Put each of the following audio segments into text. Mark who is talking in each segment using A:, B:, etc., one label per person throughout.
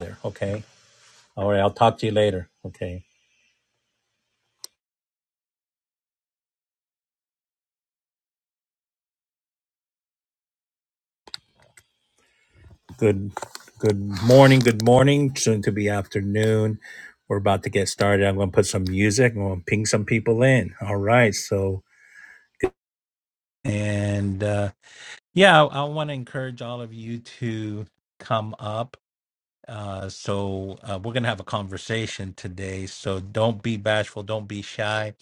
A: there. Okay. All right. I'll talk to you later. Okay. Good. Good morning. Good morning. Soon to be afternoon. We're about to get started. I'm going to put some music. I'm going to ping some people in. All right. So, and uh, yeah, I, I want to encourage all of you to come up Uh, so uh, we're gonna have a conversation today. So don't be bashful, don't be shy.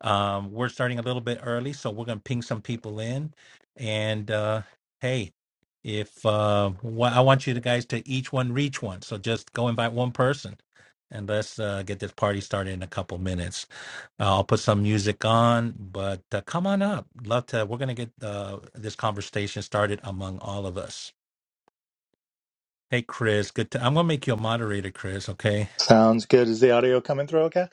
A: Um, we're starting a little bit early, so we're gonna ping some people in. And uh, hey, if uh, wha- I want you to guys to each one reach one, so just go invite one person, and let's uh, get this party started in a couple minutes. Uh, I'll put some music on, but uh, come on up. Love to. We're gonna get uh, this conversation started among all of us. Hey, Chris. Good. To, I'm gonna make you a moderator, Chris. Okay.
B: Sounds good. Is the audio coming through okay?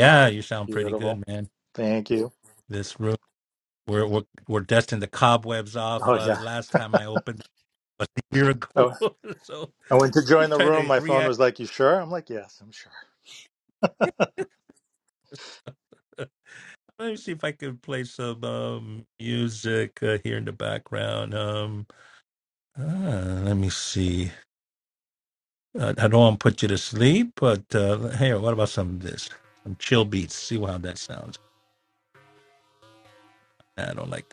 B: Oh,
A: you sound pretty
B: Beautiful.
A: good, man.
B: Thank you.
A: This room, we're we're, we're dusting the cobwebs off.
B: Oh,
A: Uh,
B: yeah.
A: last time I opened a year ago,
B: Oh,
A: so
B: I went to join
A: I'm
B: the room.
A: to
B: My phone
A: react.
B: was like, You sure? I'm like, Yes, I'm sure.
A: Let me see if I can play some um, music uh, here in the background. Um, uh, let me see. Uh, I don't want to put you to sleep, but uh, here, what about some of this? Some chill beats. See how that sounds. Nah, I don't like.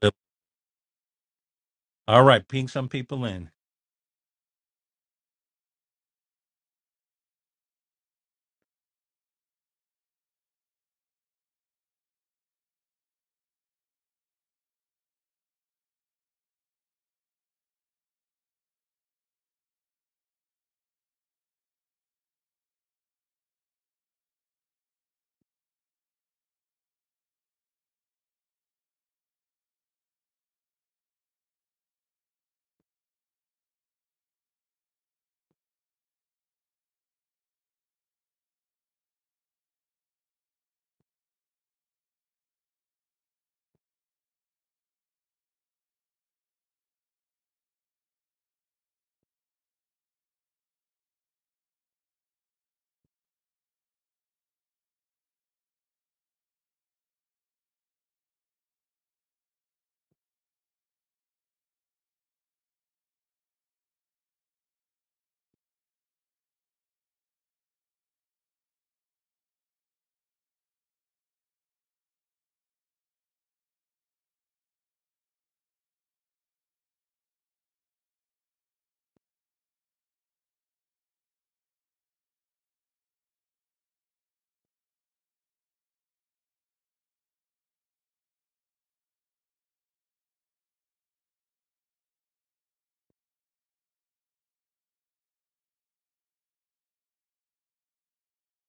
A: That. All right, ping some people in.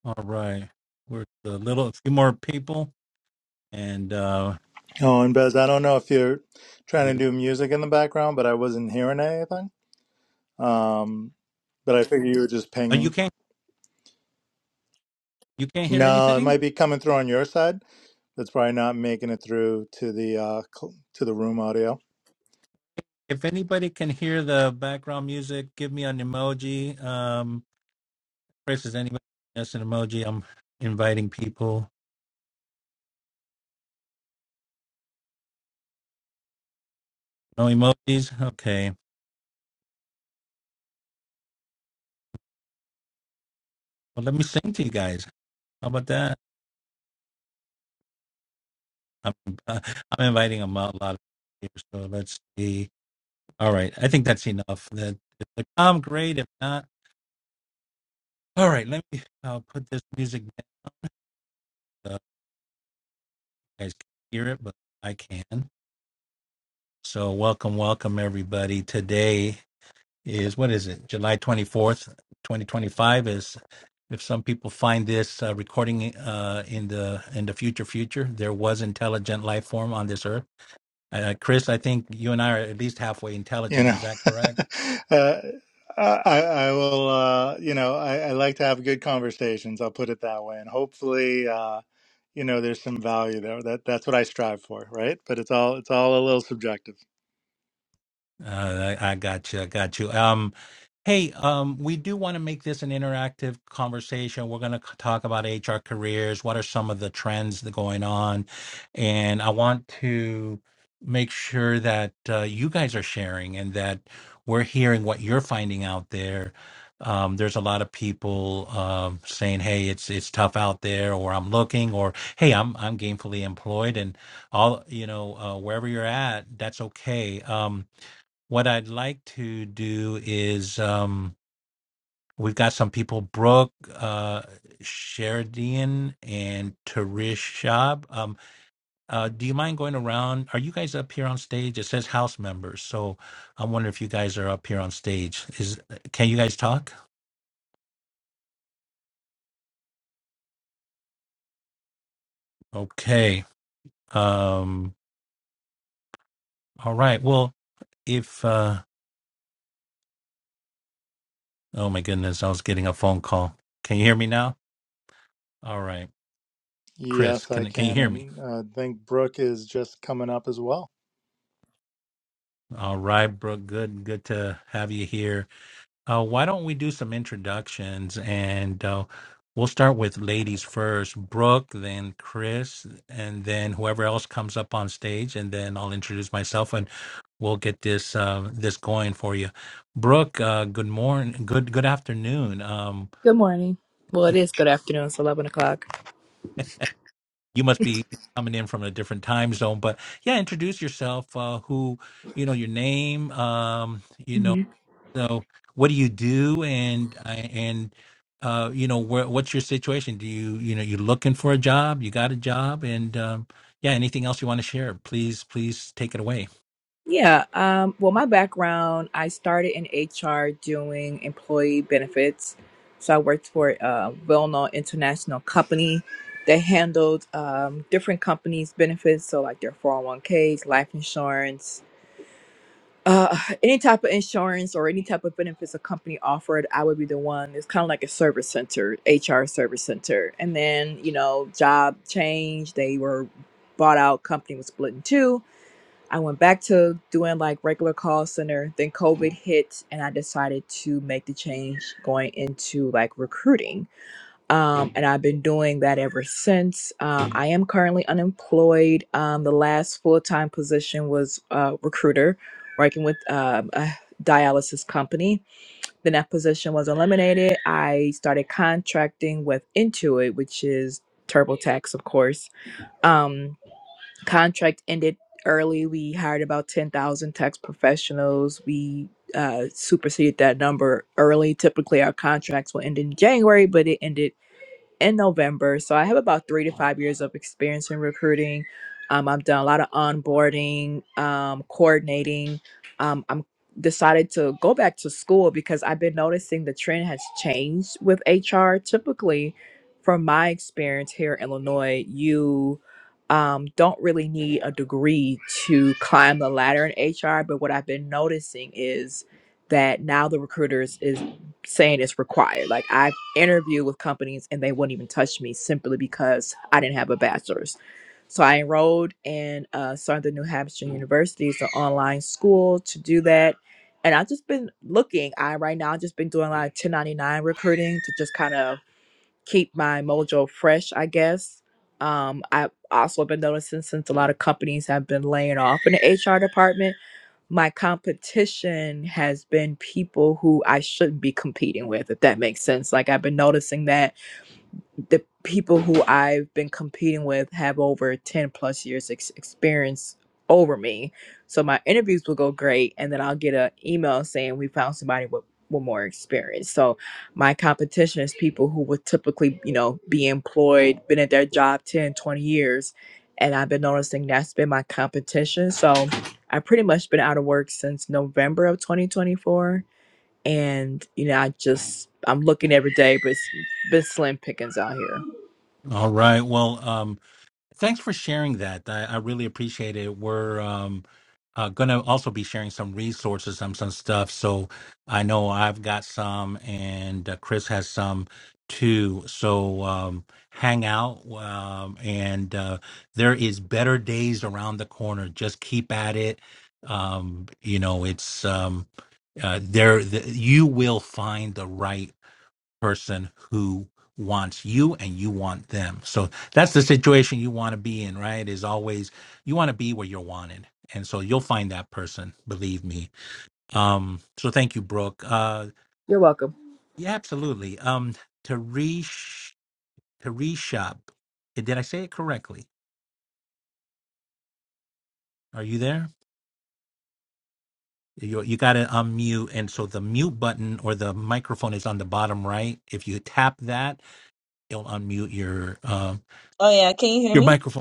A: All right. We're a little, a few more people, and uh,
B: Oh, and Bez, I don't know if you're trying
A: we.
B: to do music in the background, but I wasn't hearing anything. Um, but I figure you were just
A: Oh, you
B: pinging.
A: can't. You can't hear
B: No, it
A: anything.
B: might be coming through on your side. That's probably not making it through to the uh, cl- to the room audio.
A: If anybody can hear the background music, give me an emoji. Um, Chris, is anybody that's an emoji? I'm inviting people. No emojis. Okay. Well, let me sing to you guys. How about that? I'm, uh, I'm inviting a mo- a lot of people. here, So let's see. All right. I think that's enough. That if I'm great. If not, all right. Let me. I'll put this music. guys can hear it, but I can. So welcome, welcome everybody. Today is what is it? July twenty fourth, twenty twenty five. Is if some people find this uh, recording uh, in the in the future, future there was intelligent life form on this earth. Uh, Chris, I think you and I are at least halfway
B: you
A: intelligent.
B: know
A: Is that correct?
B: uh, I, I will uh, you know I, I like to have good conversations i'll put it that way and hopefully uh, you know there's some value there that that's what i strive for right but it's all it's all a little subjective
A: Uh, I, I got you. I got you. Um, Hey, um, we do want to make this an interactive conversation. We're going to talk about HR careers. What are some of the trends that are going on? And I want to make sure that uh, you guys are sharing and that we're hearing what you're finding out there. Um, there's a lot of people um, saying, "Hey, it's it's tough out there," or "I'm looking," or "Hey, I'm I'm gainfully employed," and all you know, uh, wherever you're at, that's okay. Um, what I'd like to do is um, we've got some people, Brooke, uh, Sheridan, and Tarish Shab. Um, uh, do you mind going around? Are you guys up here on stage? It says house members, so I'm wondering if you guys are up here on stage. Is can you guys talk? Okay. Um, all right. Well, if uh, oh my goodness, I was getting a phone call. Can you hear me now? All right, Chris,
B: yes i
A: can can you
B: can
A: hear me?
B: and uh, i think brooke is just coming up as well
A: All right, Brooke. Good, good to have you here. Uh, why don't we do some introductions and uh, we'll start with ladies first, Brooke, then Chris, and then whoever else comes up on stage, and then I'll introduce myself and we'll get this uh, this going for you. Brooke, uh, good morning, good good afternoon. Um,
C: Good morning. Well, it is good afternoon. It's 11 o'clock.
A: you must be coming in from a different time zone, but yeah, introduce yourself. Uh, who you know your name, um, you know.
C: hmm
A: So, what do you do? And I- and uh, you know, where, what's your situation? Do you you know you're looking for a job? You got a job? And um, yeah, anything else you want to share? Please, please take it away.
C: Yeah. Um, well, my background, I started in HR doing employee benefits. So I worked for a well known international company that handled um, different companies' benefits. So, like their 401ks, life insurance, uh, any type of insurance or any type of benefits a company offered, I would be the one. It's kind of like a service center, HR service center. And then, you know, job change. They were bought out, company was split in two. I went back to doing like regular call center. Then COVID hit, and I decided to make the change going into like recruiting um, and I've been doing that ever since. Uh, I am currently unemployed. Um, the last full time position was uh, recruiter, working with um, a dialysis company. Then that position was eliminated. I started contracting with Intuit, which is TurboTax, of course. Um, contract ended early. We hired about 10,000 tax professionals. We uh, superseded that number early. Typically, our contracts will end in January, but it ended in November. So I have about three to five years of experience in recruiting. Um, I've done a lot of onboarding, um, coordinating. Um, I'm decided to go back to school because I've been noticing the trend has changed with HR. Typically, from my experience here in Illinois, you um, don't really need a degree to climb the ladder in HR. But what I've been noticing is that now the recruiters is saying it's required. Like I interview with companies and they wouldn't even touch me simply because I didn't have a bachelor's. So I enrolled in uh, Southern New Hampshire University, it's an online school to do that. And I've just been looking. I right now I've just been doing a lot of 1099 recruiting to just kind of keep my mojo fresh, I guess. Um, I've also been noticing since a lot of companies have been laying off in the HR department my competition has been people who I shouldn't be competing with, if that makes sense. Like I've been noticing that the people who I've been competing with have over 10 plus years ex- experience over me. So my interviews will go great. And then I'll get an email saying we found somebody with, with more experience. So my competition is people who would typically, you know, be employed, been at their job 10, 20 years. And I've been noticing that's been my competition. So I've pretty much been out of work since November of 2024. And, you know, I just, I'm looking every day, but it's been slim pickings out here.
A: All right. Well. Thanks for sharing that. I, I really appreciate it. We're um, uh, going to also be sharing some resources and some stuff. So I know I've got some, and uh, Chris has some too. So um, hang out, um, and uh, there is better days around the corner. Just keep at it. Um, you know, it's um, uh, there. The, you will find the right person who wants you and you want them. So that's the situation you want to be in, right? Is always you want to be where you're wanted. And so you'll find that person, believe me. Um, so thank you, Brooke. Uh,
C: You're welcome.
A: yeah, absolutely. Um, Tarish, Tarishab, did I say it correctly? Are you there? You, you got to unmute. And so the mute button or the microphone is on the bottom right. If you tap that, it'll unmute your, uh,
D: Oh yeah, can you hear
A: your
D: me?
A: microphone.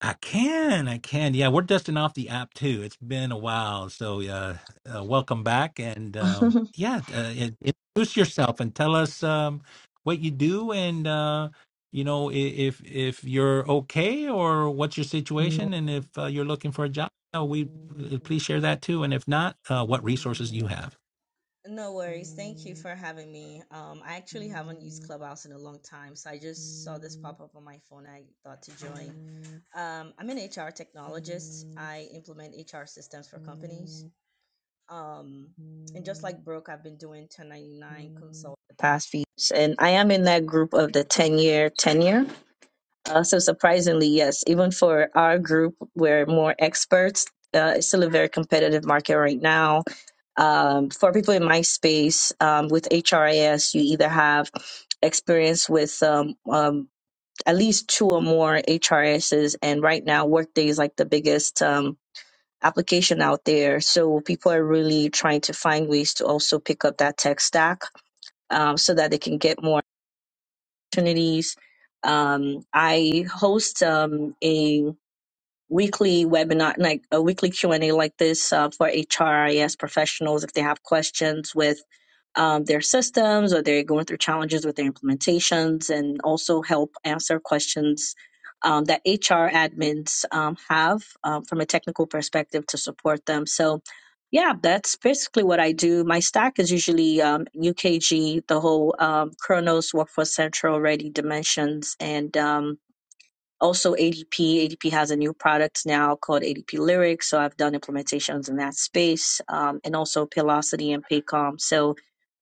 A: I can, I can. Yeah, we're dusting off the app too. It's been a while, so uh, uh welcome back, and um, yeah, uh, in- introduce yourself and tell us um what you do, and uh, you know i- if if you're okay or what's your situation, and if uh, you're looking for a job. Uh, we uh, please share that too, and if not, uh, what resources you have.
D: No worries. Thank you for having me. Um, I actually haven't used Clubhouse in a long time, so I just saw this pop up on my phone. I thought to join. Um, I'm an HR technologist. I implement HR systems for companies. Um, and just like Brooke, I've been doing 1099 consult the past few years, and I am in that group of the 10 year tenure. Uh, so surprisingly, yes, even for our group, we're more experts. Uh, it's still a very competitive market right now um, for people in my space um, with HRIS, you either have experience with um, um, at least two or more HRISs, and right now Workday is like the biggest um, application out there. So people are really trying to find ways to also pick up that tech stack um, so that they can get more opportunities. Um, I host um, a weekly webinar, like a weekly Q and A like this uh, for HRIS professionals if they have questions with um, their systems or they're going through challenges with their implementations, and also help answer questions um, that HR admins um, have um, from a technical perspective to support them. So. Yeah, that's basically what I do. My stack is usually um, UKG, the whole um, Kronos, Workforce Central, Ready Dimensions, and um, also ADP. ADP has a new product now called ADP Lyrics. So I've done implementations in that space um, and also Paylocity and Paycom. So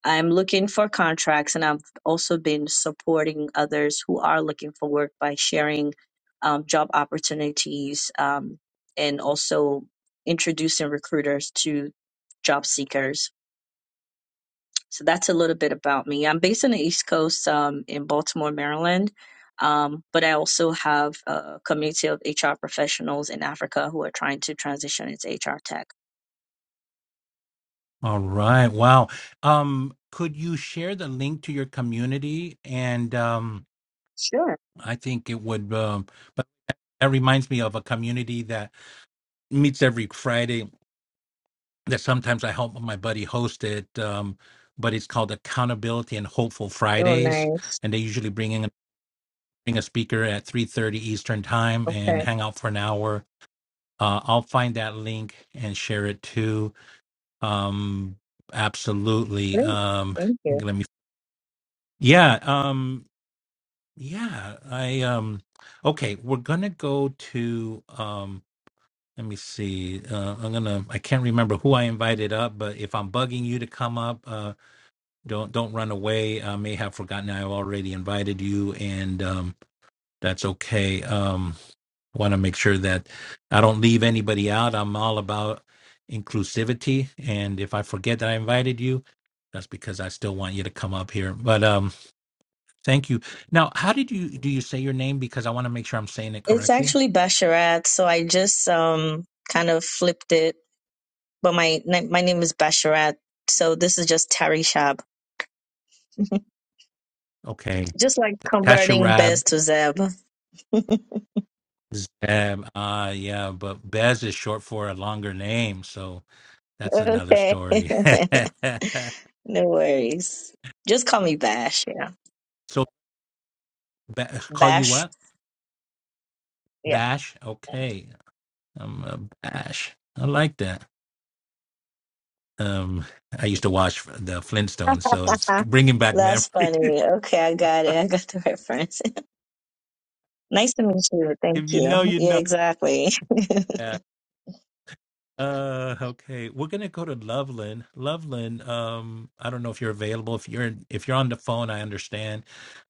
D: I'm looking for contracts and I've also been supporting others who are looking for work by sharing um, job opportunities um, and also introducing recruiters to job seekers so that's a little bit about me. I'm based on the East Coast um, in Baltimore, Maryland, um, but I also have a community of HR professionals in Africa who are trying to transition into HR tech.
A: All right, wow. Um, could you share the link to your community? And um,
D: Sure.
A: I think it would. Um, That reminds me of a community that meets every Friday that sometimes I help my buddy host it. Um, but it's called Accountability and Hopeful
D: Oh,
A: Fridays,
D: nice.
A: and they usually bring in bring a speaker at three thirty Eastern time and
D: Okay.
A: hang out for an hour. Uh, I'll find that link and share it too. Um, absolutely.
D: Great.
A: Um,
D: Thank you.
A: let me. Yeah. Um, yeah. I. Um, okay. We're gonna go to. Um, Let me see. Uh, I'm gonna. I can't remember who I invited up, but if I'm bugging you to come up, uh, don't don't run away. I may have forgotten I already invited you, and um, that's okay. Um, I want to make sure that I don't leave anybody out. I'm all about inclusivity, and if I forget that I invited you, that's because I still want you to come up here. But um, thank you. Now, how did you do? You say your name because I want to make sure I'm saying it
D: It's
A: correctly.
D: actually Basharat, so I just um, kind of flipped it, but my na- my name is Basharat, so this is just Tarishab.
A: Okay,
D: just like converting
A: Tasha
D: Bez to Zeb.
A: Zeb. Ah, yeah, but Bez is short for a longer name, so that's another
D: okay.
A: story.
D: No worries. Just call me Bash. Yeah.
A: so ba- call you
D: Bash.
A: what?
D: Yeah.
A: Bash. Okay, I'm a Bash. I like that. Um, I used to watch the Flintstones, so it's
D: Uh,
A: bringing back memories.
D: That's funny. Okay, I got it. I got the reference. nice to meet you. Thank
A: if you know,
D: you.
A: you
D: Yeah,
A: know.
D: exactly.
A: Uh, okay. We're gonna go to Loveland. Loveland, um, I don't know if you're available. If you're if you're on the phone, I understand,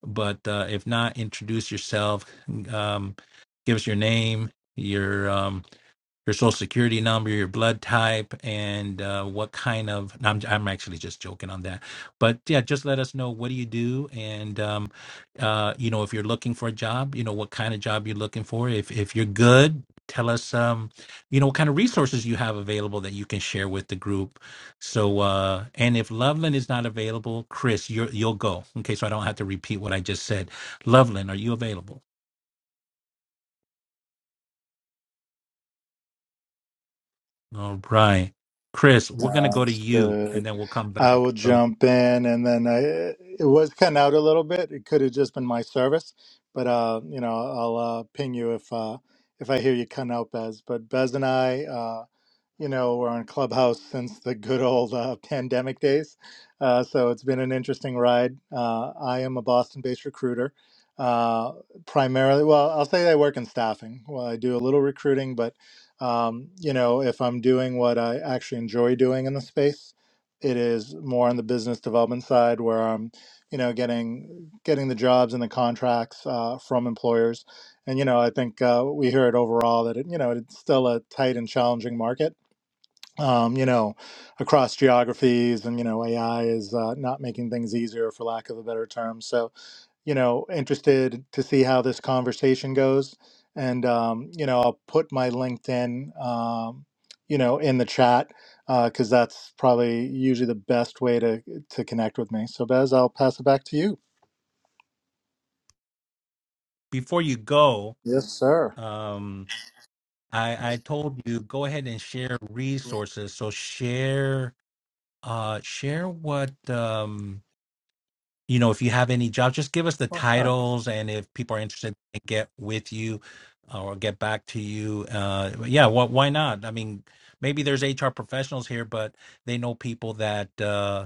A: but uh, if not, introduce yourself. Um, give us your name, your um, your social security number, your blood type, and uh, what kind of. no, I'm I'm actually just joking on that, but yeah, just let us know what do you do, and um, uh, you know if you're looking for a job, you know what kind of job you're looking for. If if you're good, tell us um, you know what kind of resources you have available that you can share with the group. So uh, and if Loveland is not available, Chris, you're, you'll go. Okay, so I don't have to repeat what I just said. Loveland, are you available? All right. Chris, we're going to go to
B: Sounds
A: you and
B: good.
A: then we'll come
B: I
A: back.
B: will
A: So
B: jump in, and then I, it was cut out a little bit. It could have just been my service, but uh, you know, I'll uh, ping you if uh, if I hear you cut out, Bez. But Bez and I. uh, you know, we're on Clubhouse since the good old uh, pandemic days. Uh, so it's been an interesting ride. Uh, I am a Boston based recruiter. Uh, primarily, well, I'll say I work in staffing. Well, I do a little recruiting, but, um, you know, if I'm doing what I actually enjoy doing in the space, it is more on the business development side where I'm, you know, getting getting the jobs and the contracts uh, from employers, and you know, I think uh, we hear it overall that it, you know, it's still a tight and challenging market um, you know, across geographies, and you know, AI is uh, not making things easier, for lack of a better term. So, you know, interested to see how this conversation goes, and um, you know, I'll put my LinkedIn, um, you know, in the chat because that's probably usually the best way to to connect with me. So, Bez, I'll pass it back to you.
A: before you go,
B: Yes, sir.
A: um, I, I told you go ahead and share resources. So share uh, share what, um, you know, if you have any jobs, just give us the
B: Oh, sure.
A: titles and if people are interested, they can get with you uh, or get back to you. Uh, yeah, wh- why not? I mean, maybe there's HR professionals here, but they know people that. Uh,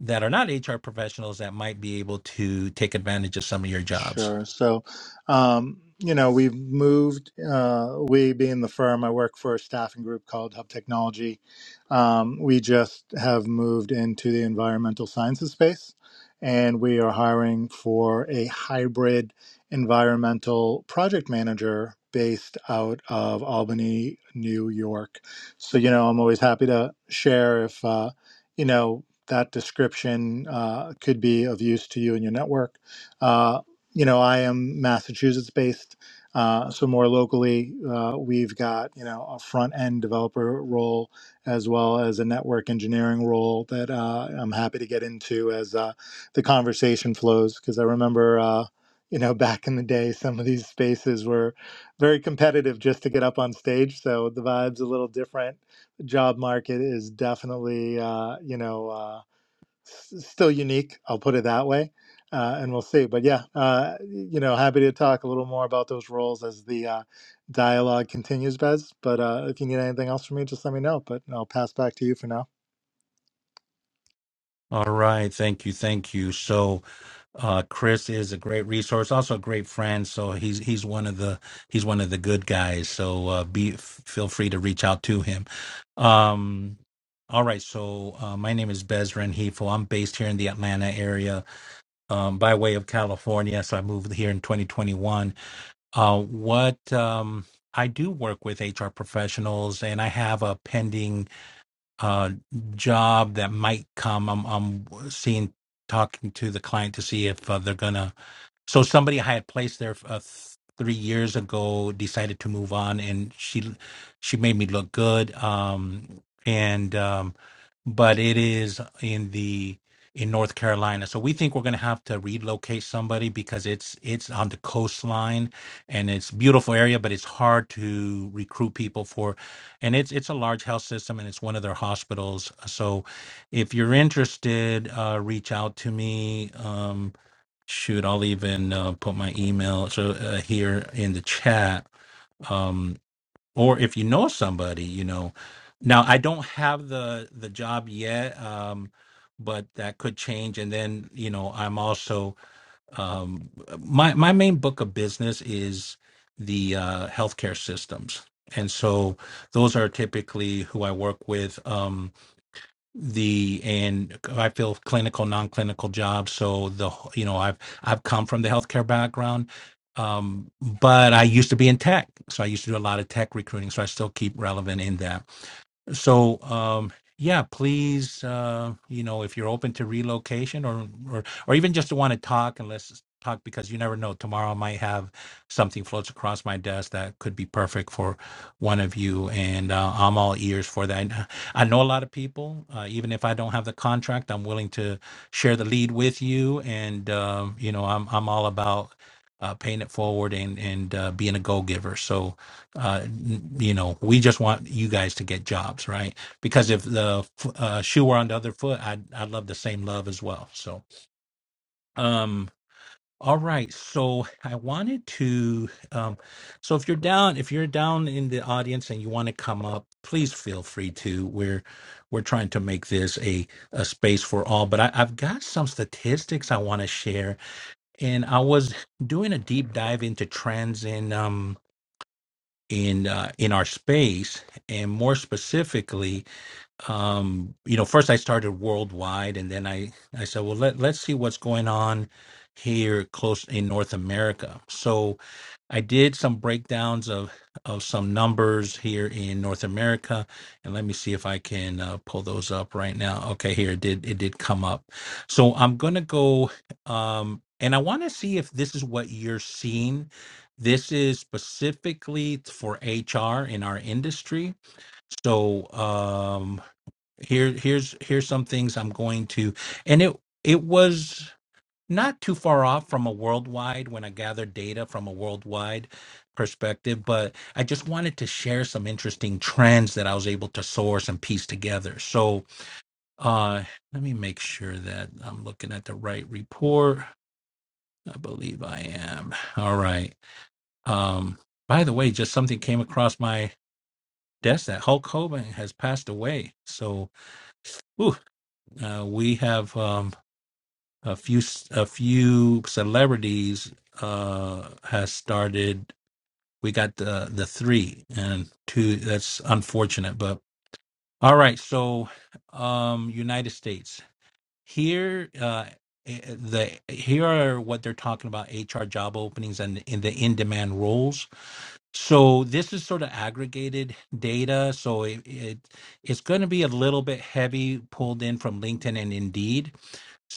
A: that are not HR professionals that might be able to take advantage of some of your jobs.
B: Sure. So, um, you know, we've moved, uh, we being the firm, I work for a staffing group called Hub Technology. Um, we just have moved into the environmental sciences space and we are hiring for a hybrid environmental project manager based out of Albany, New York. So, you know, I'm always happy to share if, uh, you know, that description uh, could be of use to you and your network. Uh, you know, I am Massachusetts based. Uh, so more locally, uh, we've got you know a front end developer role as well as a network engineering role that uh, I'm happy to get into as uh, the conversation flows because I remember uh, you know back in the day some of these spaces were very competitive just to get up on stage. So the vibe's a little different. The job market is definitely uh, you know. Uh, s- still unique. I'll put it that way, uh, and we'll see. But yeah, uh, you know, happy to talk a little more about those roles as the uh, dialogue continues, Bez. But uh, if you need anything else from me, just let me know. But I'll pass back to you for now.
A: All right. Thank you. Thank you. So, uh, Chris is a great resource, also a great friend. So he's he's one of the he's one of the good guys. So uh, be f- feel free to reach out to him. Um, all right. So uh, my name is Bezran Hefo. I'm based here in the Atlanta area um, by way of California. So I moved here in 2021 Uh, what um, I do work with HR professionals, and I have a pending uh, job that might come. I'm, I'm seeing, talking to the client to see if uh, they're gonna so somebody I had placed there uh, th- three years ago decided to move on, and she she made me look good. Um, and um, but it is in the in North Carolina, so we think we're going to have to relocate somebody because it's it's on the coastline, and it's beautiful area, but it's hard to recruit people for, and it's it's a large health system, and it's one of their hospitals. So, if you're interested, uh, reach out to me. Um, shoot i'll even uh, put my email so uh, here in the chat um or if you know somebody you know now i don't have the the job yet um but that could change and then you know i'm also um my my main book of business is the uh healthcare systems and so those are typically who i work with um the and I feel clinical, non-clinical jobs. So the wh- you know I've I've come from the healthcare background, um, but I used to be in tech, so I used to do a lot of tech recruiting. So I still keep relevant in that. So, um, yeah, please, uh, you know, if you're open to relocation or or or even just want to talk and let's talk because you never know. Tomorrow I might have something floats across my desk that could be perfect for one of you, and uh, I'm all ears for that. And uh, I know a lot of people, uh, even if I don't have the contract, I'm willing to share the lead with you, and um, you know, I'm I'm all about uh, paying it forward and and uh, being a go giver. So uh, you know, we just want you guys to get jobs, right? Because if the uh, shoe were on the other foot, I'd I'd love the same love as well. So, um, all right. So I wanted to, um, so if you're down, if you're down in the audience and you want to come up, please feel free to. We're we're trying to make this a a space for all. But I, I've got some statistics I want to share, and I was doing a deep dive into trends in um in uh, in our space and more specifically um you know first i started worldwide and then i i said well let, let's see what's going on here close in north america so I did some breakdowns of of some numbers here in North America, and let me see if I can uh, pull those up right now. Okay, here it did it did come up. So I'm gonna go, um, and I want to see if this is what you're seeing. This is specifically for HR in our industry. So um, here here's here's some things I'm going to, and it it was not too far off from a worldwide when I gathered data from a worldwide perspective, but I just wanted to share some interesting trends that I was able to source and piece together. So uh, let me make sure that I'm looking at the right report. I believe I am. All right. Um, by the way, just something came across my desk that Hulk Hogan has passed away. So ooh, uh, we have. Um, a few a few celebrities uh has started we got the the three and two that's unfortunate but all right so um united states here uh eh, eh, the here are what they're talking about hr job openings and in the in demand roles so this is sort of aggregated data so it, it it's going to be a little bit heavy pulled in from linkedin and indeed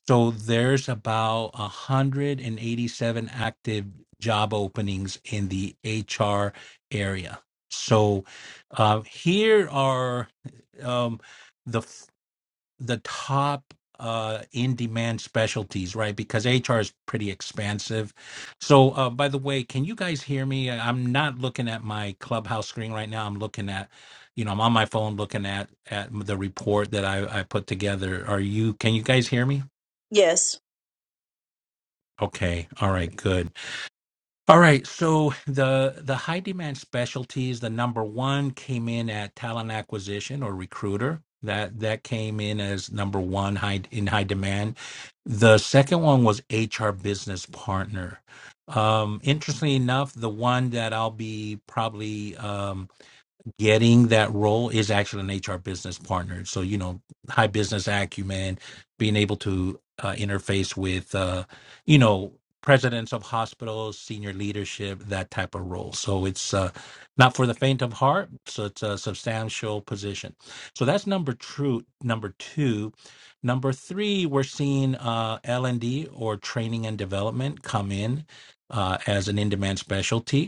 A: so there's about 187 active job openings in the HR area. So uh, here are um, the f- the top uh, in demand specialties, right? Because HR is pretty expansive. So uh, by the way, can you guys hear me? I- I'm not looking at my clubhouse screen right now. I'm looking at you know I'm on my phone looking at at the report that I, I put together. Are you? Can you guys hear me?
D: yes.
A: Okay. All right. Good. All right. So the the high demand specialties, the number one came in at talent acquisition or recruiter. That that came in as number one high in high demand. The second one was HR business partner. Um, interestingly enough, the one that I'll be probably um, getting that role is actually an HR business partner. So, you know, high business acumen, being able to uh, interface with, uh, you know, presidents of hospitals, senior leadership, that type of role. So it's uh, not for the faint of heart. So it's a substantial position. So that's number two. Number two, number three, we're seeing uh, L and D or training and development come in uh, as an in-demand specialty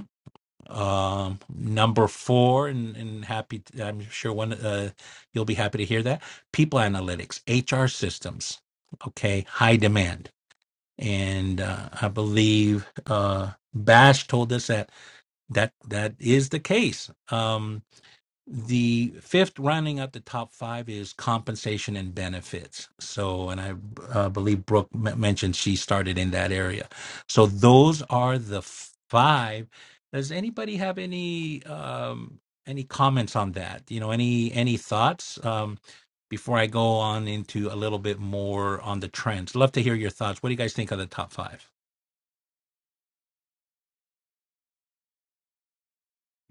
A: um number four and, and happy i i'm sure one uh you'll be happy to hear that people analytics hr systems okay high demand and uh, i believe uh bash told us that that that is the case Um, the fifth, rounding out the top five, is compensation and benefits. So, and I uh, believe Brooke m- mentioned she started in that area. So, those are the five. Does anybody have any um, any comments on that? You know, any any thoughts um, before I go on into a little bit more on the trends? Love to hear your thoughts. What do you guys think of the top five?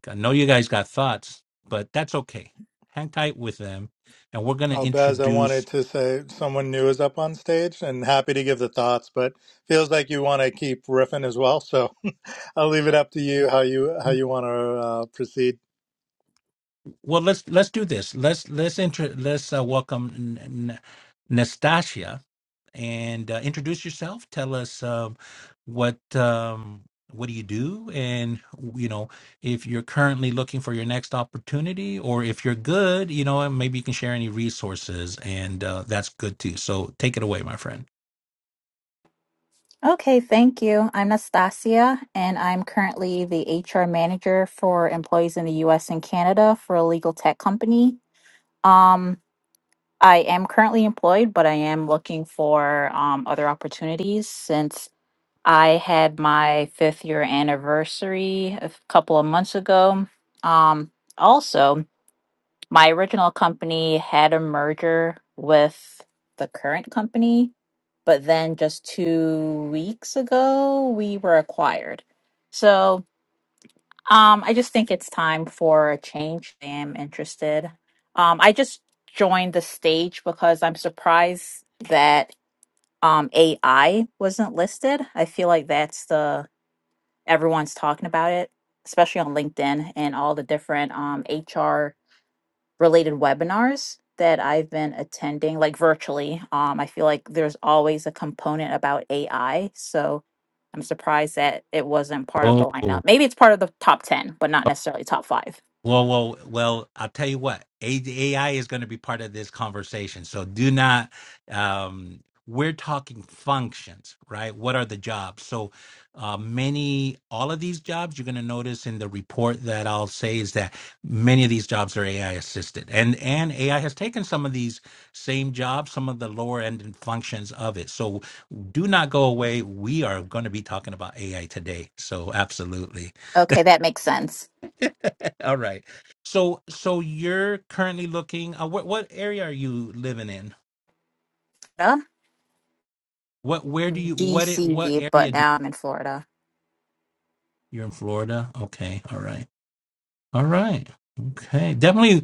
A: I know you guys got thoughts, but that's okay. Hang tight with them, and we're going to
B: Oh, Bez, I
A: introduce
B: wanted to say someone new is up on stage and happy to give the thoughts, but feels like you want to keep riffing as well. So I'll leave it up to you how you how you want to uh, proceed.
A: Well, let's let's do this. Let's let's intro. Let's uh, welcome N- N- Nastasia and uh, introduce yourself. Tell us um, what um, what do you do, and you know if you're currently looking for your next opportunity, or if you're good, you know, and maybe you can share any resources, and uh, that's good too. So take it away, my friend.
E: Okay, thank you. I'm Nastasia, and I'm currently the HR manager for employees in the US and Canada for a legal tech company. Um, I am currently employed, but I am looking for um, other opportunities since I had my fifth year anniversary a couple of months ago. Um, also, my original company had a merger with the current company, but then just two weeks ago we were acquired. So um, I just think it's time for a change. I am interested. Um, I just joined the stage because I'm surprised that um, AI wasn't listed. I feel like that's the everyone's talking about it, especially on LinkedIn and all the different um, HR related webinars that I've been attending, like virtually. Um, I feel like there's always a component about AI. So I'm surprised that it wasn't part of the lineup. Maybe it's part of the top 10, but not necessarily top five.
A: Well, well, well, I'll tell you what, A- AI is going to be part of this conversation. So do not, um, we're talking functions, right? What are the jobs? So uh, many, all of these jobs, you're going to notice in the report that I'll say is that many of these jobs are AI assisted. And, and AI has taken some of these same jobs, some of the lower end functions of it. So do not go away. We are going to be talking about AI today. So absolutely.
E: Okay, that makes sense.
A: All right. So so you're currently looking uh, what what area are you living in?
E: Uh,
A: What where do you what it what
E: DC,
A: area
E: but
A: do
E: now I'm in Florida.
A: you're in Florida? Okay. All right. All right. Okay. Definitely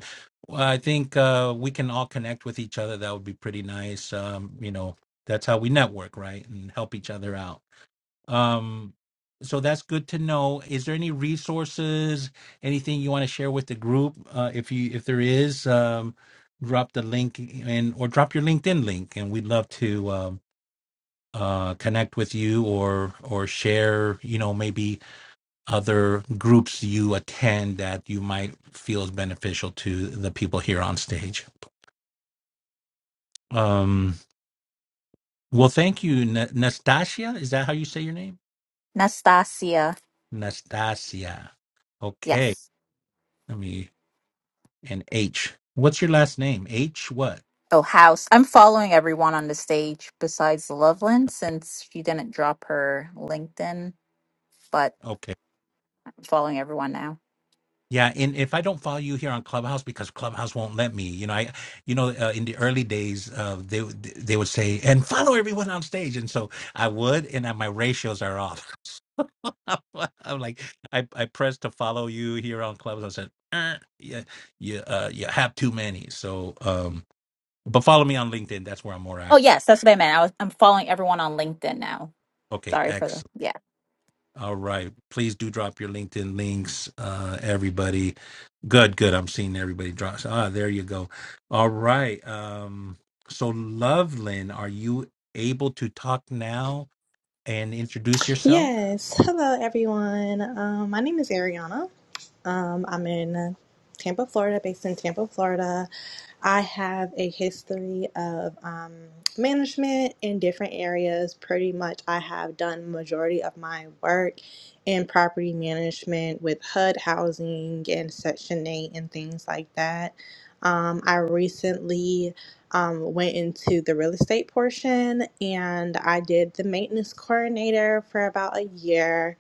A: I think uh we can all connect with each other. That would be pretty nice. Um you know, that's how we network, right? And help each other out. Um, so that's good to know. Is there any resources, anything you want to share with the group? Uh, if you if there is, um, drop the link and or drop your LinkedIn link, and we'd love to um, uh, connect with you or or share. You know, maybe other groups you attend that you might feel is beneficial to the people here on stage. Um, well, thank you, Na- Nastasia. Is that how you say your name?
E: Nastasia,
A: Nastasia. Okay.
E: yes.
A: Let me and H. What's your last name? H what?
E: Oh, House. I'm following everyone on the stage besides Loveland since she didn't drop her LinkedIn, but
A: Okay.
E: I'm following everyone now.
A: Yeah, and if I don't follow you here on Clubhouse because Clubhouse won't let me, you know, I, you know, uh, in the early days, uh, they would- they would say and follow everyone on stage, and so I would, and uh, my ratios are off. I'm like, I I pressed to follow you here on Clubhouse. I said, "Er, yeah, you uh, you have too many. So, um, but follow me on LinkedIn. That's where I'm more
E: Oh
A: active.
E: yes, that's what I meant. I was, I'm following everyone on LinkedIn now. Sorry for
A: Okay,
E: the yeah.
A: All right. Please do drop your LinkedIn links, uh, everybody. Good, good. I'm seeing everybody drop. So, Ah, there you go. All right. Um, so Loveland, are you able to talk now and introduce yourself?
F: Yes. Hello, everyone. Um, my name is Ariana. Um, I'm in Tampa, Florida, based in Tampa, Florida. I have a history of um, management in different areas. Pretty much, I have done majority of my work in property management with HUD housing and Section 8 and things like that. Um, I recently um, went into the real estate portion and I did the maintenance coordinator for about a year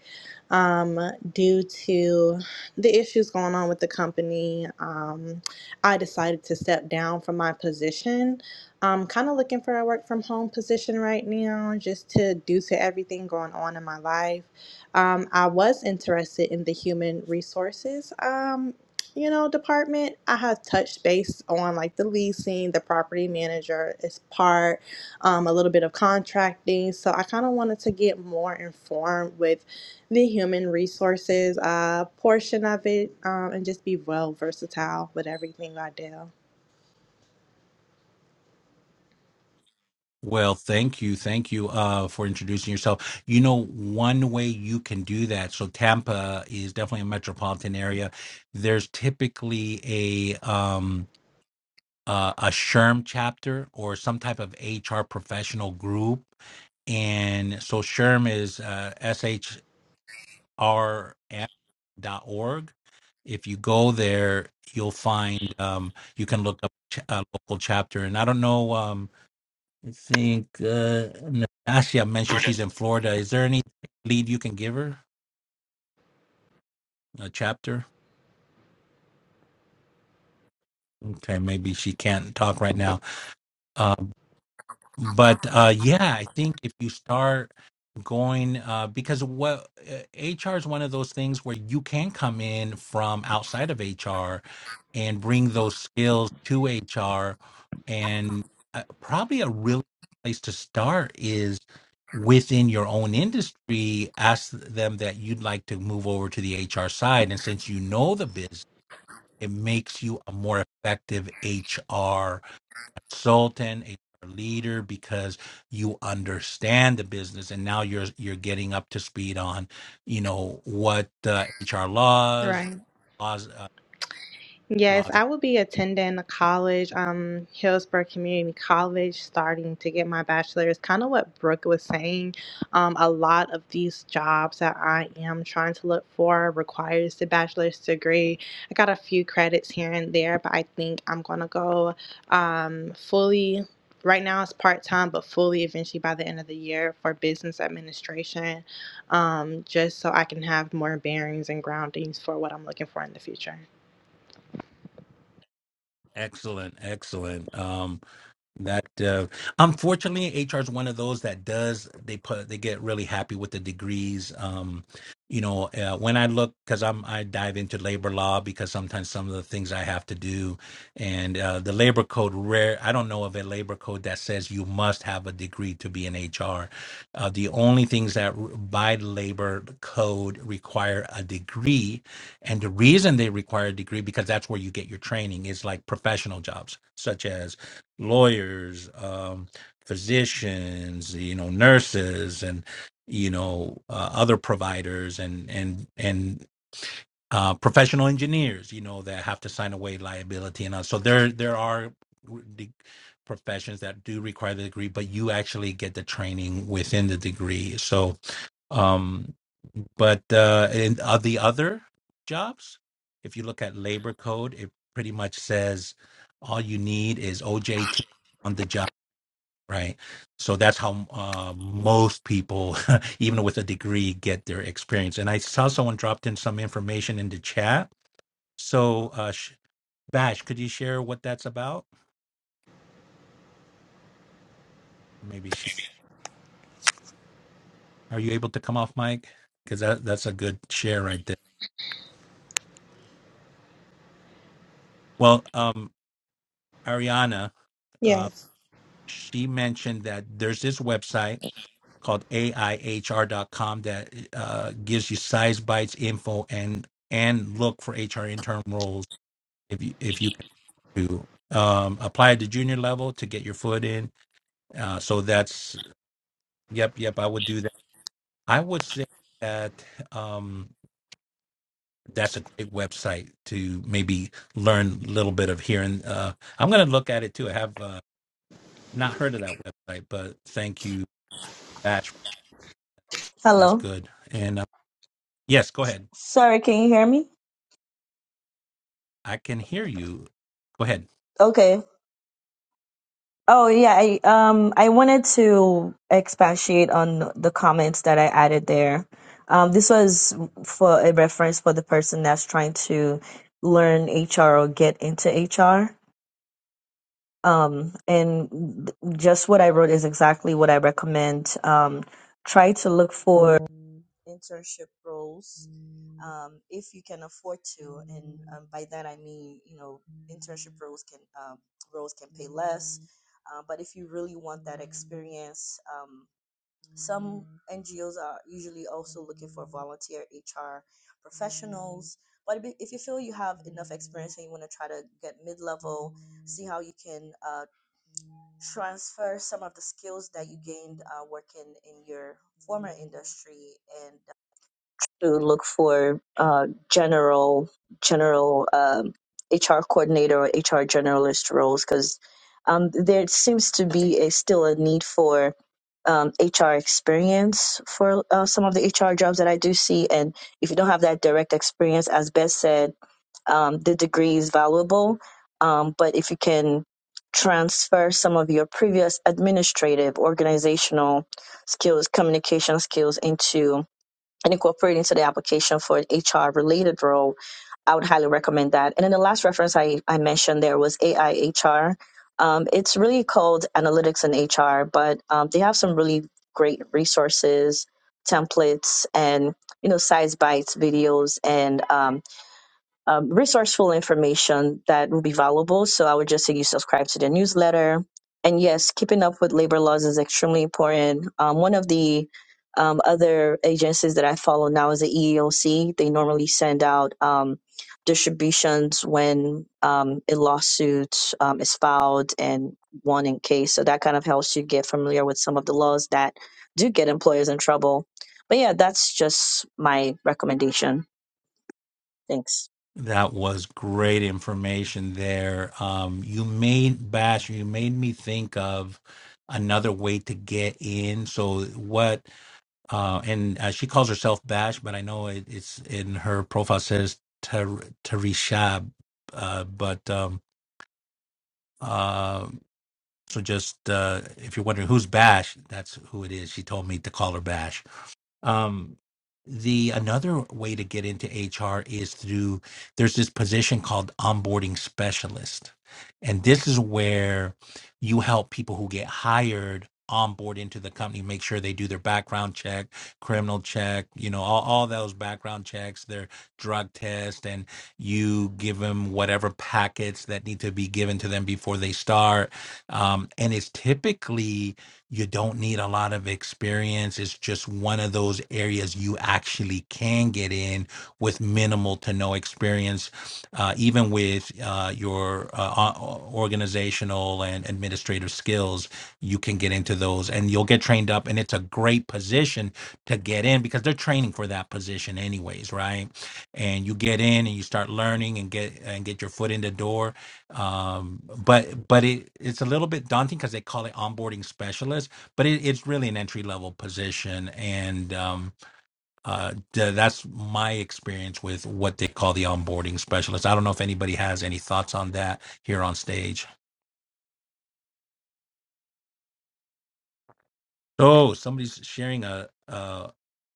F: um, due to the issues going on with the company. Um, I decided to step down from my position. I'm kind of looking for a work from home position right now, just to due to everything going on in my life. Um, I was interested in the human resources. Um, you know, department. I have touched base on like the leasing, the property manager is part, um, a little bit of contracting. So I kind of wanted to get more informed with the human resources uh, portion of it um, and just be well versatile with everything I do.
A: Well, thank you. Thank you uh, for introducing yourself. You know, one way you can do that. So Tampa is definitely a metropolitan area. There's typically a um, uh, a SHRM chapter or some type of HR professional group. And so SHRM is uh, shrm dot org. If you go there, you'll find um, you can look up ch- a local chapter. And I don't know, um, I think uh, Natasha mentioned she's in Florida. Is there any lead you can give her? A chapter? Okay, maybe she can't talk right now. Uh, but uh yeah i think if you start going uh because what uh, hr is one of those things where you can come in from outside of hr and bring those skills to hr and uh, probably a really good place to start is within your own industry ask them that you'd like to move over to the hr side and since you know the business it makes you a more effective hr consultant, a leader because you understand the business and now you're you're getting up to speed on you know what uh, HR laws
F: Right.
A: laws uh,
F: Yes,
A: laws
F: I will be attending a college, um, Hillsborough Community College, starting to get my bachelor's. Kind of what Brooke was saying. Um, a lot of these jobs that I am trying to look for requires the bachelor's degree. I got a few credits here and there, but I think I'm gonna go um, fully. Right now it's part time, but fully eventually by the end of the year for business administration, um, just so I can have more bearings and groundings for what I'm looking for in the future.
A: excellent excellent um That uh, unfortunately, HR is one of those that does they put they get really happy with the degrees. Um, you know, uh, when I look because I'm I dive into labor law because sometimes some of the things I have to do, and uh, the labor code rare I don't know of a labor code that says you must have a degree to be an HR. Uh, the only things that r- by labor code require a degree, and the reason they require a degree because that's where you get your training is like professional jobs such as lawyers, um, physicians, you know, nurses, and you know, uh, other providers, and and and uh, professional engineers, you know, that have to sign away liability and all. So there there are de- professions that do require the degree, but you actually get the training within the degree. So, um, but uh, in uh, the other jobs, if you look at labor code, it pretty much says all you need is OJT on the job right? So that's how uh, most people, even with a degree, get their experience. And I saw someone dropped in some information in the chat. So, uh, Sh- Bash, could you share what that's about? Maybe she, are you able to come off mic? Because that, that's a good share right there. Well, um, Ariana, uh,
F: Yes.
A: she mentioned that there's this website called aihr.com that uh, gives you size bites info and and look for HR intern roles if you if you to um, apply at the junior level to get your foot in. Uh, so that's yep, yep. I would do that. I would say that um, that's a great website to maybe learn a little bit of here. And uh, I'm going to look at it too. I have uh, not heard of that website, but thank you, Batch. That's
D: Hello.
A: good. And uh, yes, go ahead.
D: Sorry, can you hear me?
A: I can hear you. Go ahead.
D: Okay. Oh yeah, I um I wanted to expatiate on the comments that I added there. Um, this was for a reference for the person that's trying to learn HR or get into HR. Um, and th- just what I wrote is exactly what I recommend. Um, try to look for internship roles um, if you can afford to and um, by that i mean you know internship roles can um, roles can pay less uh, but if you really want that experience um, some ngos are usually also looking for volunteer hr professionals but if if you feel you have enough experience and you want to try to get mid-level see how you can uh, transfer some of the skills that you gained uh, working in your former industry and to look for uh, general general um, HR coordinator or HR generalist roles because um, there seems to be a, still a need for um, HR experience for uh, some of the HR jobs that I do see. And if you don't have that direct experience, as Beth said, um, the degree is valuable. Um, but if you can transfer some of your previous administrative, organizational skills, communication skills into and incorporate into the application for an HR related role, I would highly recommend that. And then the last reference I, I mentioned there was AI HR. Um, it's really called Analytics in HR, but um, they have some really great resources, templates, and you know size bites videos and um, um, resourceful information that will be valuable. So I would just say you subscribe to the newsletter. And yes, keeping up with labor laws is extremely important. Um, one of the um, other agencies that I follow now is the EEOC. They normally send out um, distributions when um, a lawsuit um, is filed and won in case. So that kind of helps you get familiar with some of the laws that do get employers in trouble. But yeah, that's just my recommendation. Thanks.
A: That was great information there. Um, you made Bash, you made me think of another way to get in. So what? Uh, and uh, she calls herself Bash, but I know it, it's in her profile says Ter- Terisha. Uh, but um, uh, so just uh, if you're wondering who's Bash, that's who it is. She told me to call her Bash. Um, the another way to get into HR is through there's this position called onboarding specialist. And this is where you help people who get hired onboard into the company, make sure they do their background check, criminal check, you know, all, all those background checks, their drug test, and you give them whatever packets that need to be given to them before they start. Um, and it's typically you don't need a lot of experience. It's just one of those areas you actually can get in with minimal to no experience, uh, even with uh, your uh, o- organizational and administrative skills. You can get into those, and you'll get trained up. And it's a great position to get in because they're training for that position, anyways, right? And you get in and you start learning and get and get your foot in the door um but but it it's a little bit daunting because they call it onboarding specialist but it, it's really an entry level position and um uh th- that's my experience with what they call the onboarding specialist i don't know if anybody has any thoughts on that here on stage oh somebody's sharing a uh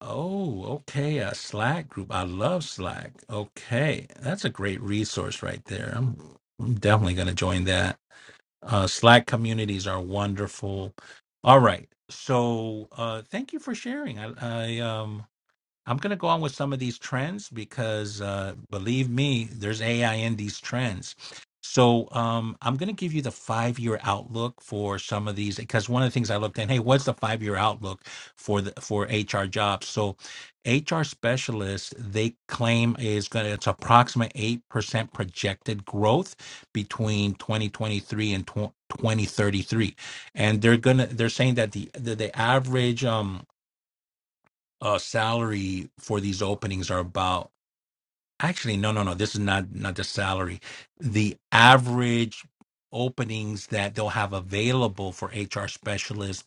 A: oh okay a slack group i love slack okay that's a great resource right there i'm, I'm definitely going to join that Uh, Slack communities are wonderful. All right. So uh, thank you for sharing. I, I um, I'm going to go on with some of these trends because uh, believe me, there's AI in these trends. So um, I'm going to give you the five year outlook for some of these because one of the things I looked at, hey, what's the five year outlook for the for HR jobs? So HR specialists they claim is going to it's approximate eight percent projected growth between 2023 and tw- 2033, and they're gonna they're saying that the the, the average um uh salary for these openings are about actually no no no this is not not the salary the average openings that they'll have available for hr specialists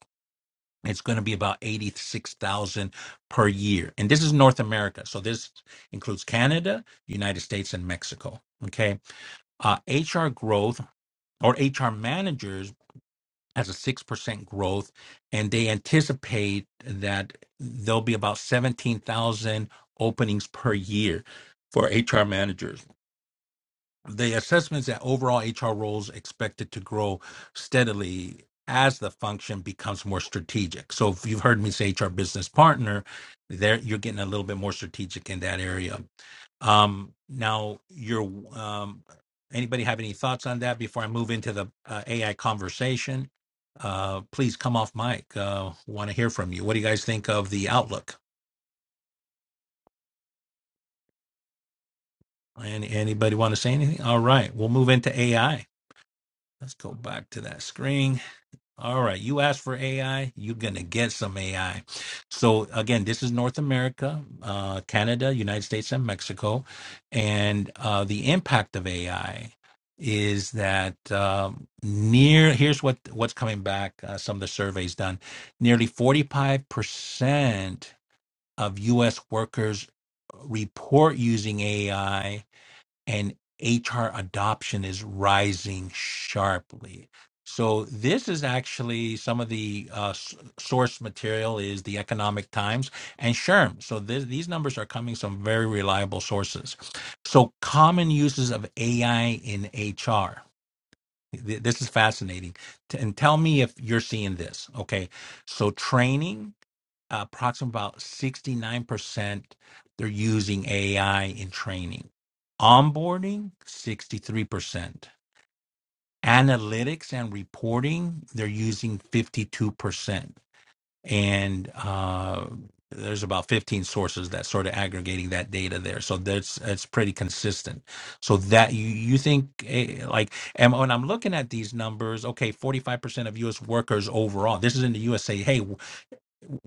A: it's going to be about 86,000 per year and this is North America so this includes Canada United States and Mexico okay uh HR growth or HR managers as a 6% growth. And they anticipate that there'll be about 17,000 openings per year for HR managers the assessments that overall HR roles expected to grow steadily as the function becomes more strategic. So if you've heard me say HR business partner, there you're getting a little bit more strategic in that area. Um, now, you're um, anybody have any thoughts on that before I move into the uh, AI conversation? Uh, please come off mic. Uh, want to hear from you. What do you guys think of the outlook? And anybody want to say anything? All right, we'll move into AI. Let's go back to that screen. All right, you ask for AI, you're gonna get some AI. So again, this is North America, uh, Canada, United States, and Mexico, and uh, the impact of AI is that um, near here's what what's coming back. Uh, some of the surveys done, nearly 45 percent of U.S. workers report using AI and HR adoption is rising sharply. So this is actually some of the uh, s- source material is the Economic Times and Sherm. So th- these numbers are coming from very reliable sources. So common uses of AI in HR. Th- This is fascinating. T- And tell me if you're seeing this. Okay. So training, approximately about 69% they're using AI in training. Onboarding, 63%. Analytics and reporting, they're using 52%. And uh, there's about 15 sources that sort of aggregating that data there. So that's it's pretty consistent. So that you, you think eh, like and when I'm looking at these numbers, okay, 45% of US workers overall. This is in the USA. Hey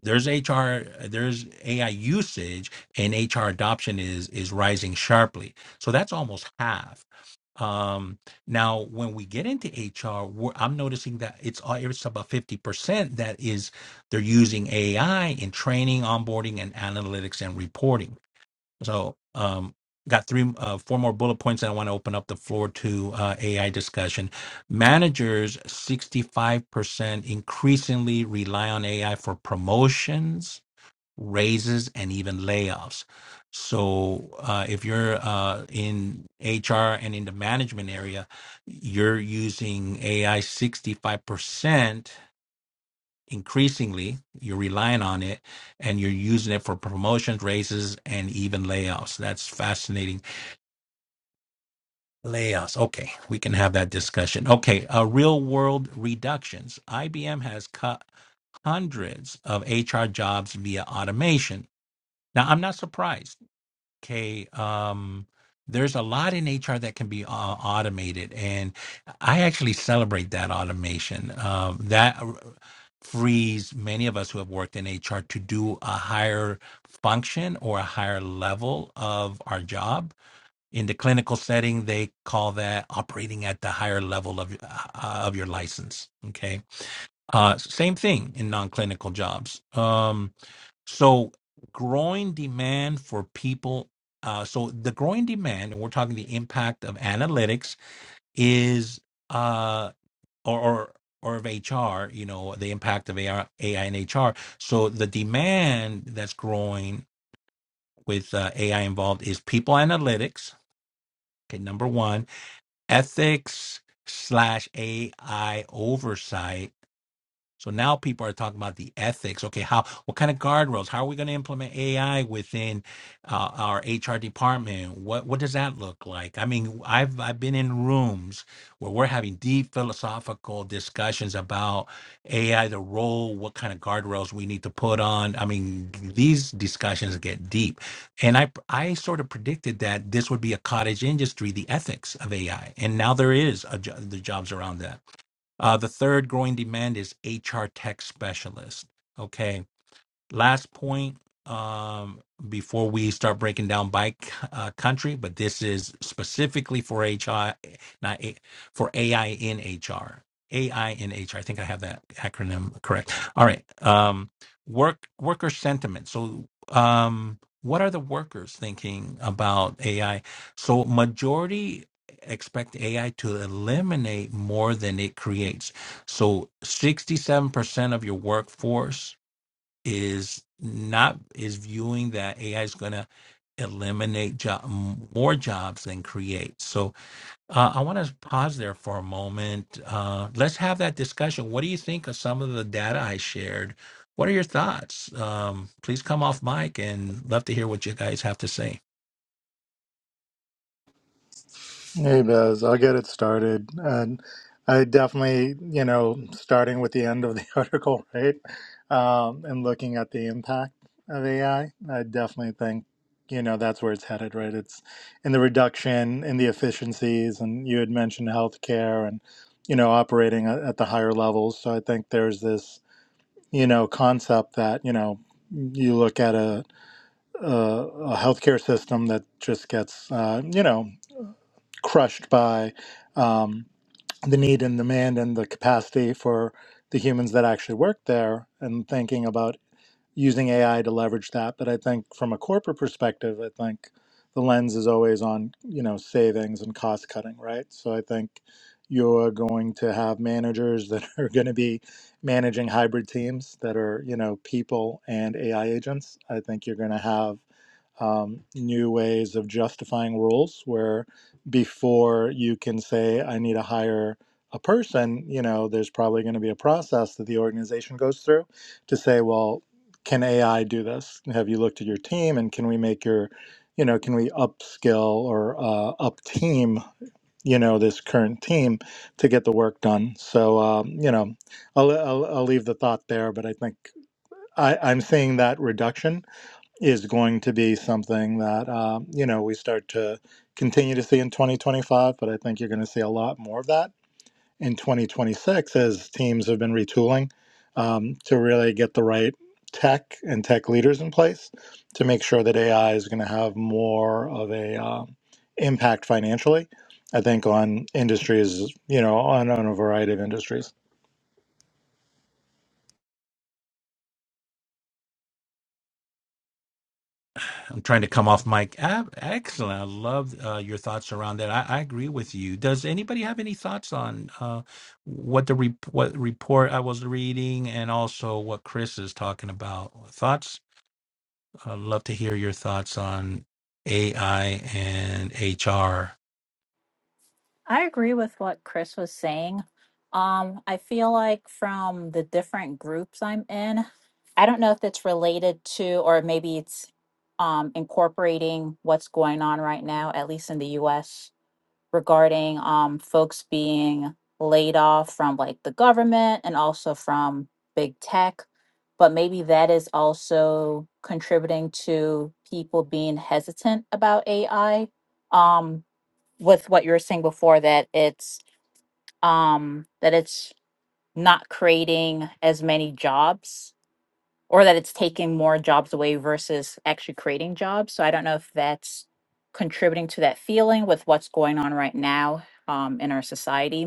A: there's HR, there's AI usage, and HR adoption is is rising sharply. So that's almost half. Um, now, when we get into HR, we're, I'm noticing that it's all- it's about fifty percent that is they're using AI in training, onboarding, and analytics and reporting. So um, got three, uh, four more bullet points. And I want to open up the floor to uh, AI discussion. Managers, 65% increasingly rely on AI for promotions, raises, and even layoffs. So uh, if you're uh, in HR and in the management area, you're using AI 65% increasingly you're relying on it and you're using it for promotions raises and even layoffs that's fascinating layoffs okay we can have that discussion okay uh, real world reductions ibm has cut hundreds of hr jobs via automation now i'm not surprised okay, um, there's a lot in HR that can be uh, automated, and I actually celebrate that automation. Um, that frees many of us who have worked in HR to do a higher function or a higher level of our job. In the clinical setting, they call that operating at the higher level of uh, of your license. Okay, uh, same thing in non-clinical jobs. Um, so growing demand for people. Uh, so the growing demand, and we're talking the impact of analytics is, uh, or, or or of HR, you know, the impact of AI, AI and HR. So the demand that's growing with uh, AI involved is people analytics. Okay, number one, ethics slash AI oversight So now people are talking about the ethics. Okay, how what kind of guardrails? How are we going to implement AI within uh, our HR department? What what does that look like? I mean, I've I've been in rooms where we're having deep philosophical discussions about AI, the role, what kind of guardrails we need to put on. I mean, these discussions get deep, and I I sort of predicted that this would be a cottage industry, the ethics of AI, and now there is a, jo- the jobs around that. Uh, the third growing demand is HR tech specialist. Okay last point um before we start breaking down by c- uh, country but this is specifically for hr not A, for ai in hr ai in hr i think i have that acronym correct all right um work worker sentiment so um what are the workers thinking about ai so majority expect ai to eliminate more than it creates so 67% of your workforce is not is viewing that AI is going to eliminate job, more jobs than create. So uh, I want to pause there for a moment. Uh, let's have that discussion. What do you think of some of the data I shared? What are your thoughts? Um, please come off mic and love to hear what you guys have to say.
B: Hey, Bez, I'll get it started. And I definitely, you know, starting with the end of the article, right? Um, and looking at the impact of AI, I I definitely think, you know, that's where it's headed, right? It's in the reduction in the efficiencies, and you had mentioned healthcare and, you know, operating at, at the higher levels. So I think there's this, you know, concept that, you know, you look at a uh, a healthcare system that just gets, uh, you know, crushed by um, the need and demand and the capacity for the humans that actually work there and thinking about using AI to leverage that. But I think from a corporate perspective, I think the lens is always on, you know, savings and cost cutting, right? So I think you're going to have managers that are going to be managing hybrid teams that are, you know, people and AI agents. I think you're going to have um, new ways of justifying rules where before you can say i need to hire a person you know there's probably going to be a process that the organization goes through to say well can ai do this have you looked at your team and can we make your you know can we upskill or uh, up team you know this current team to get the work done so um, you know I'll, I'll, I'll leave the thought there but i think I, i'm seeing that reduction is going to be something that uh, you know we start to continue to see in 2025 but i think you're going to see a lot more of that in 2026 as teams have been retooling um, to really get the right tech and tech leaders in place to make sure that ai is going to have more of a um impact financially i think on industries you know on, on a variety of industries
A: I'm trying to come off mic. Ah, excellent. I love uh, your thoughts around that. I, I agree with you. Does anybody have any thoughts on uh, what the re- what report I was reading and also what Chris is talking about? Thoughts? I'd love to hear your thoughts on AI and HR.
E: I agree with what Chris was saying. Um, I feel like from the different groups I'm in, I don't know if it's related to or maybe it's um incorporating what's going on right now, at least in the US regarding um folks being laid off from like the government and also from big tech but maybe that is also contributing to people being hesitant about AI um with what you were saying before that it's um that it's not creating as many jobs or that it's taking more jobs away versus actually creating jobs. So I don't know if that's contributing to that feeling with what's going on right now um, in our society.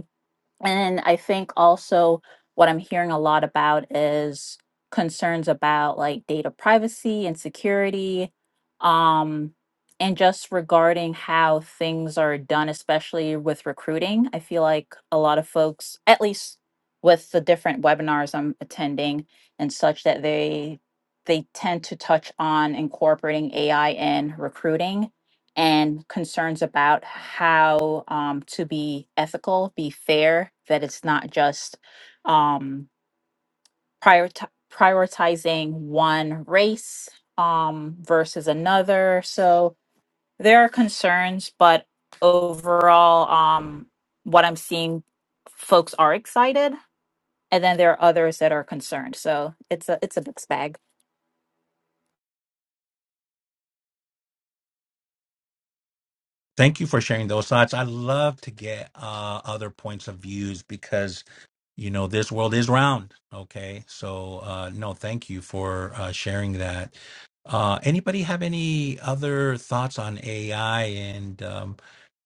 E: And I think also what I'm hearing a lot about is concerns about like data privacy and security, um, and just regarding how things are done, especially with recruiting. I feel like a lot of folks, at least with the different webinars I'm attending and such, that they they tend to touch on incorporating AI in recruiting and concerns about how um, to be ethical, be fair, that it's not just um, prioriti- prioritizing one race um, versus another. So there are concerns, but overall, um, what I'm seeing, folks are excited, and then there are others that are concerned. So it's a it's a mixed bag.
A: Thank you for sharing those thoughts. I love to get uh, other points of views because. you know this world is round okay so uh no thank you for uh sharing that uh anybody have any other thoughts on ai and um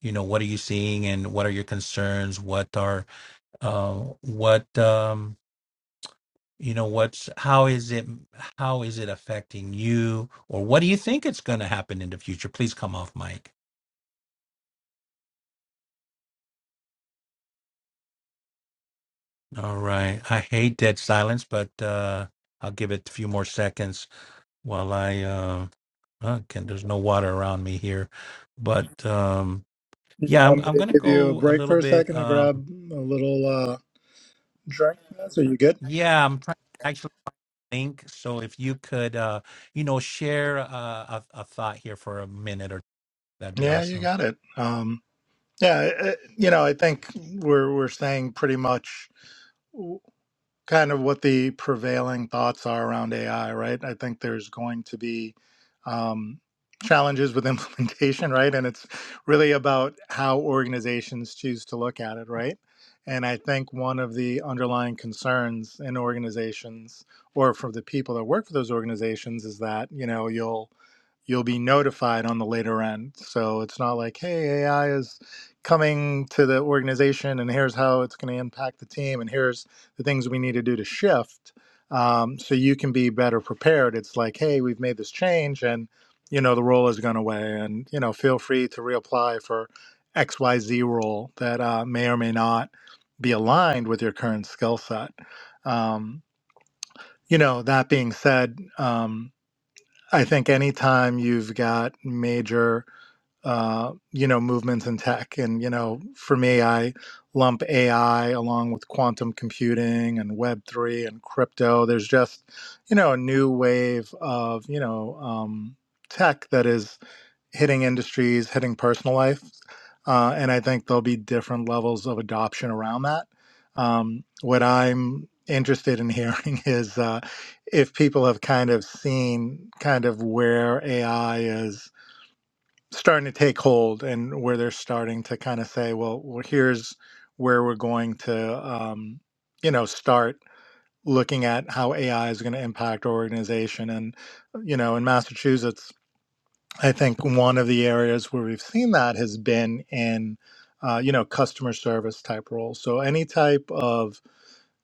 A: you know what are you seeing and what are your concerns what are uh what um you know what's how is it how is it affecting you or what do you think it's going to happen in the future please come off mic all right i hate dead silence but uh i'll give it a few more seconds while i uh, Uh, can there's no water around me here, but um,
B: Do you
A: yeah, I'm
B: want me
A: I'm
B: to
A: gonna
B: give you a
A: go a
B: break
A: little
B: for a
A: bit.
B: second to
A: Um,
B: grab a little uh, drink so you good
A: yeah, I'm trying to actually think. So if you could, uh, you know, share uh, a a thought here for a minute or two, that'd be
B: Yeah, you
A: awesome.
B: got it. Um, yeah, uh, you know, I think we're we're saying pretty much w- kind of what the prevailing thoughts are around AI, right? I think there's going to be um, challenges with implementation, right? And it's really about how organizations choose to look at it, right? And I think one of the underlying concerns in organizations or for the people that work for those organizations is that, you know, you'll you'll be notified on the later end. So it's not like, hey, AI is coming to the organization and here's how it's going to impact the team and here's the things we need to do to shift. Um, so you can be better prepared. It's like, hey, we've made this change and, you know, the role has gone away and, you know, feel free to reapply for XYZ role that uh, may or may not be aligned with your current skill set. Um, you know, that being said, um, I think anytime you've got major, uh, you know, movements in tech, and you know, for me, I lump AI along with quantum computing and Web three and crypto. There's just, you know, a new wave of you know um, tech that is hitting industries, hitting personal life. Uh, and I think there'll be different levels of adoption around that. Um, what I'm interested in hearing is uh, if people have kind of seen kind of where AI is starting to take hold and where they're starting to kind of say, well, well here's where we're going to, um, you know, start looking at how AI is going to impact our organization. And, you know, in Massachusetts, I think one of the areas where we've seen that has been in, uh, you know, customer service type roles. So any type of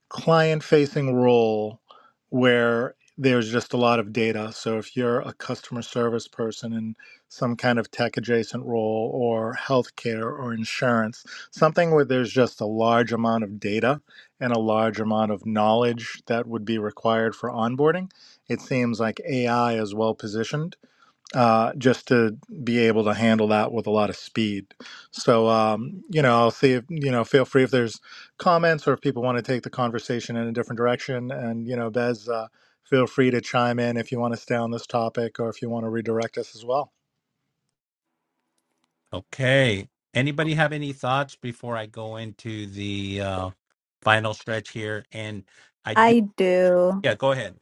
B: client facing role where there's just a lot of data. So if you're a customer service person in some kind of tech adjacent role or healthcare or insurance, something where there's just a large amount of data and a large amount of knowledge that would be required for onboarding, it seems like AI is well positioned uh, just to be able to handle that with a lot of speed. So, um, you know, I'll see if, you know, feel free if there's comments or if people want to take the conversation in a different direction. And, you know, Bez, uh, feel free to chime in if you want to stay on this topic or if you want to redirect us as well.
A: Okay. Anybody have any thoughts before I go into the uh, final stretch here? And I do.
E: I do.
A: Yeah, go ahead.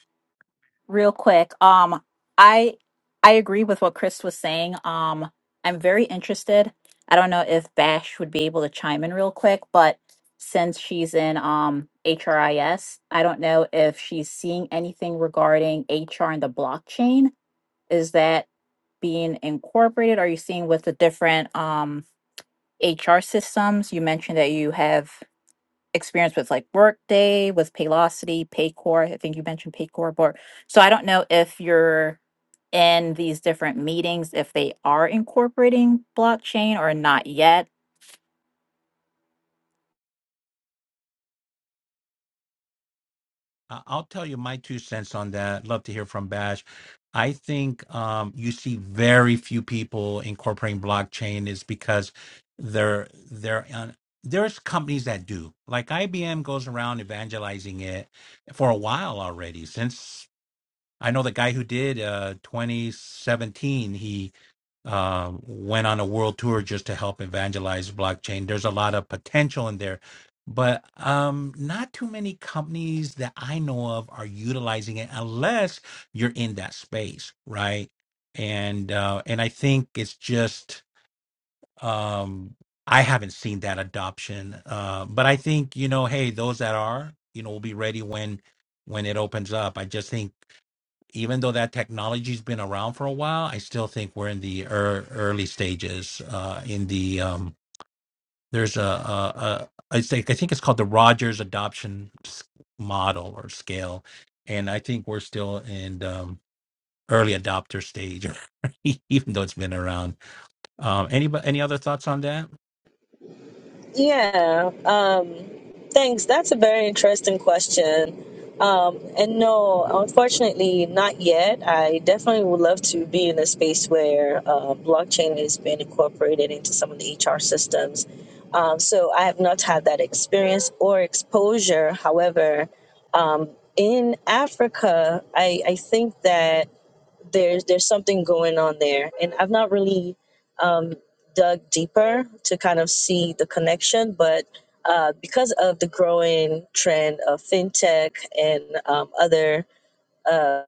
E: real quick um i i agree with what chris was saying um i'm very interested i don't know if bash would be able to chime in real quick but since she's in um hris i S, I don't know if she's seeing anything regarding hr and the blockchain is that being incorporated are you seeing with the different um hr systems you mentioned that you have experience with like Workday, with Paylocity, Paycor. I think you mentioned Paycor. But so I don't know if you're in these different meetings if they are incorporating blockchain or not yet
A: I- I'll tell you my two cents on that. Love to hear from Bash. I think um, you see very few people incorporating blockchain is because they're they're on, there's companies that do like IBM goes around evangelizing it for a while already. Since I know the guy who did uh, 2017, he um, went on a world tour just to help evangelize blockchain. There's a lot of potential in there, but um, not too many companies that I know of are utilizing it unless you're in that space, right? And uh, and I think it's just um, I haven't seen that adoption, uh, but I think you know, hey, those that are, you know, will be ready when when it opens up. I just think even though that technology's been around for a while, I still think we're in the ear early stages. Uh, in the um, there's a, a, a I think I think it's called the Rogers adoption s- model or scale, and I think we're still in the um, early adopter stage, even though it's been around. Um, any any other thoughts on that?
D: Yeah. Um, thanks. That's a very interesting question. Um, and no, unfortunately, not yet. I definitely would love to be in a space where uh, blockchain is being incorporated into some of the HR systems. Um, so I have not had that experience or exposure. However, um, in Africa, I, I think that there's there's something going on there and i've not really um, dug deeper to kind of see the connection but uh, because of the growing trend of fintech and um, other uh,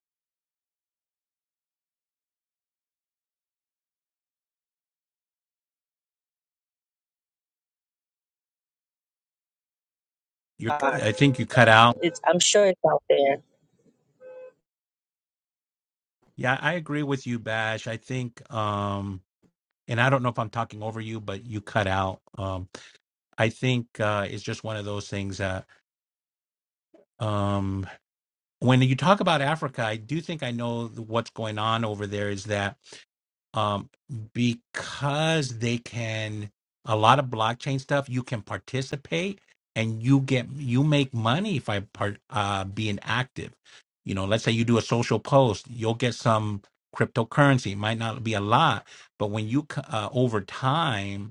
A: You, I think you cut out.
D: it's, i'm sure it's out there
A: Yeah, I agree with you, Bash. I think, um, and I don't know if I'm talking over you, but you cut out. Um, I think uh, it's just one of those things that um, when you talk about Africa, I do think I know th- what's going on over there is that um, because they can, a lot of blockchain stuff, you can participate and you get, you make money if I part, uh, being active. You know, let's say you do a social post, you'll get some cryptocurrency. It might not be a lot, but when you, c- uh, over time,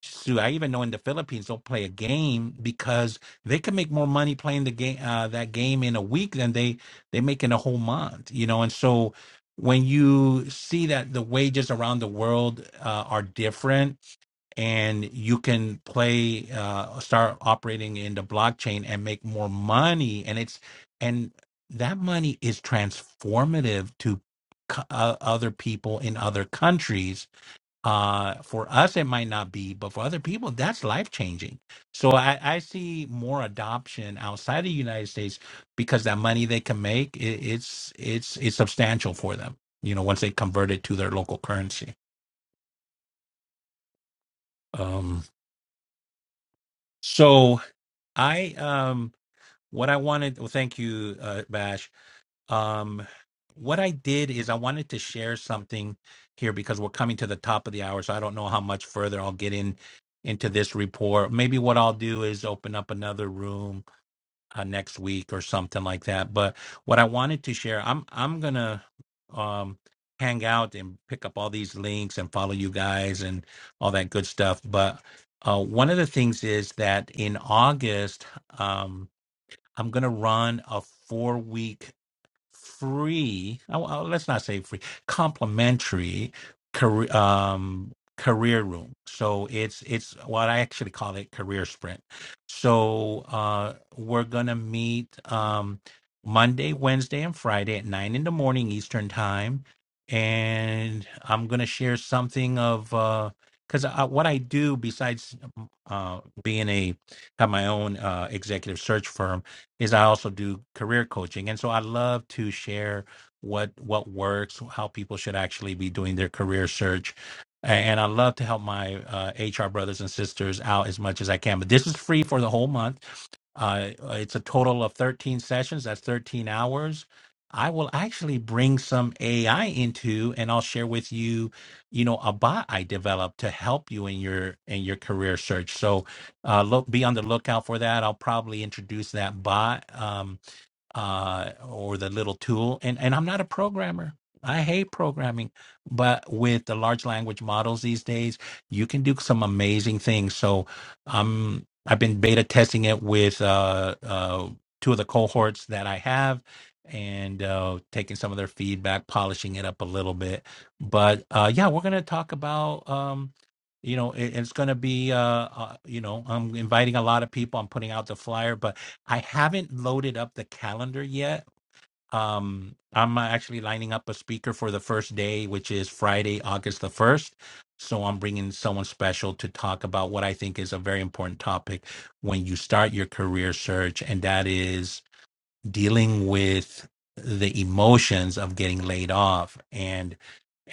A: Shoot, I even know in the Philippines they'll play a game because they can make more money playing the game uh, that game in a week than they they make in a whole month. You know, and so when you see that the wages around the world uh, are different, and you can play uh, start operating in the blockchain and make more money, and it's and that money is transformative to co- uh, other people in other countries uh for us it might not be but for other people that's life changing so i i see more adoption outside of the united states because that money they can make it, it's it's it's substantial for them you know once they convert it to their local currency um so i um what i wanted well thank you uh bash Um, what I did is I wanted to share something here because we're coming to the top of the hour, so I don't know how much further I'll get in into this report. Maybe what I'll do is open up another room uh, next week or something like that. But what I wanted to share, I'm I'm gonna um hang out and pick up all these links and follow you guys and all that good stuff. But uh, one of the things is that in August, um, I'm gonna run a four week free I- I- let's not say free complimentary career um career room so it's it's what i actually call it career sprint so uh we're gonna meet um monday wednesday and friday at nine in the morning eastern time and i'm gonna share something of uh because I, what i do besides uh being a have my own uh executive search firm is I also do career coaching. And so I love to share what what works, how people should actually be doing their career search. And I love to help my uh, HR brothers and sisters out as much as I can. But this is free for the whole month. Uh, it's a total of 13 sessions. That's 13 hours. I will actually bring some AI into, and I'll share with you, you know, a bot I developed to help you in your in your career search. So uh, look be on the lookout for that. I'll probably introduce that bot. Um, uh, or the little tool. And and I'm not a programmer. I hate programming, but with the large language models these days, you can do some amazing things. So um, I've been beta testing it with uh, uh, two of the cohorts that I have, and uh, taking some of their feedback, polishing it up a little bit. But uh, yeah, we're gonna talk about. Um, you know, it, it's going to be, uh, uh, you know, I'm inviting a lot of people. I'm putting out the flyer, but I haven't loaded up the calendar yet. Um, I'm actually lining up a speaker for the first day, which is Friday, August the 1st. So I'm bringing someone special to talk about what I think is a very important topic when you start your career search, and that is dealing with the emotions of getting laid off. And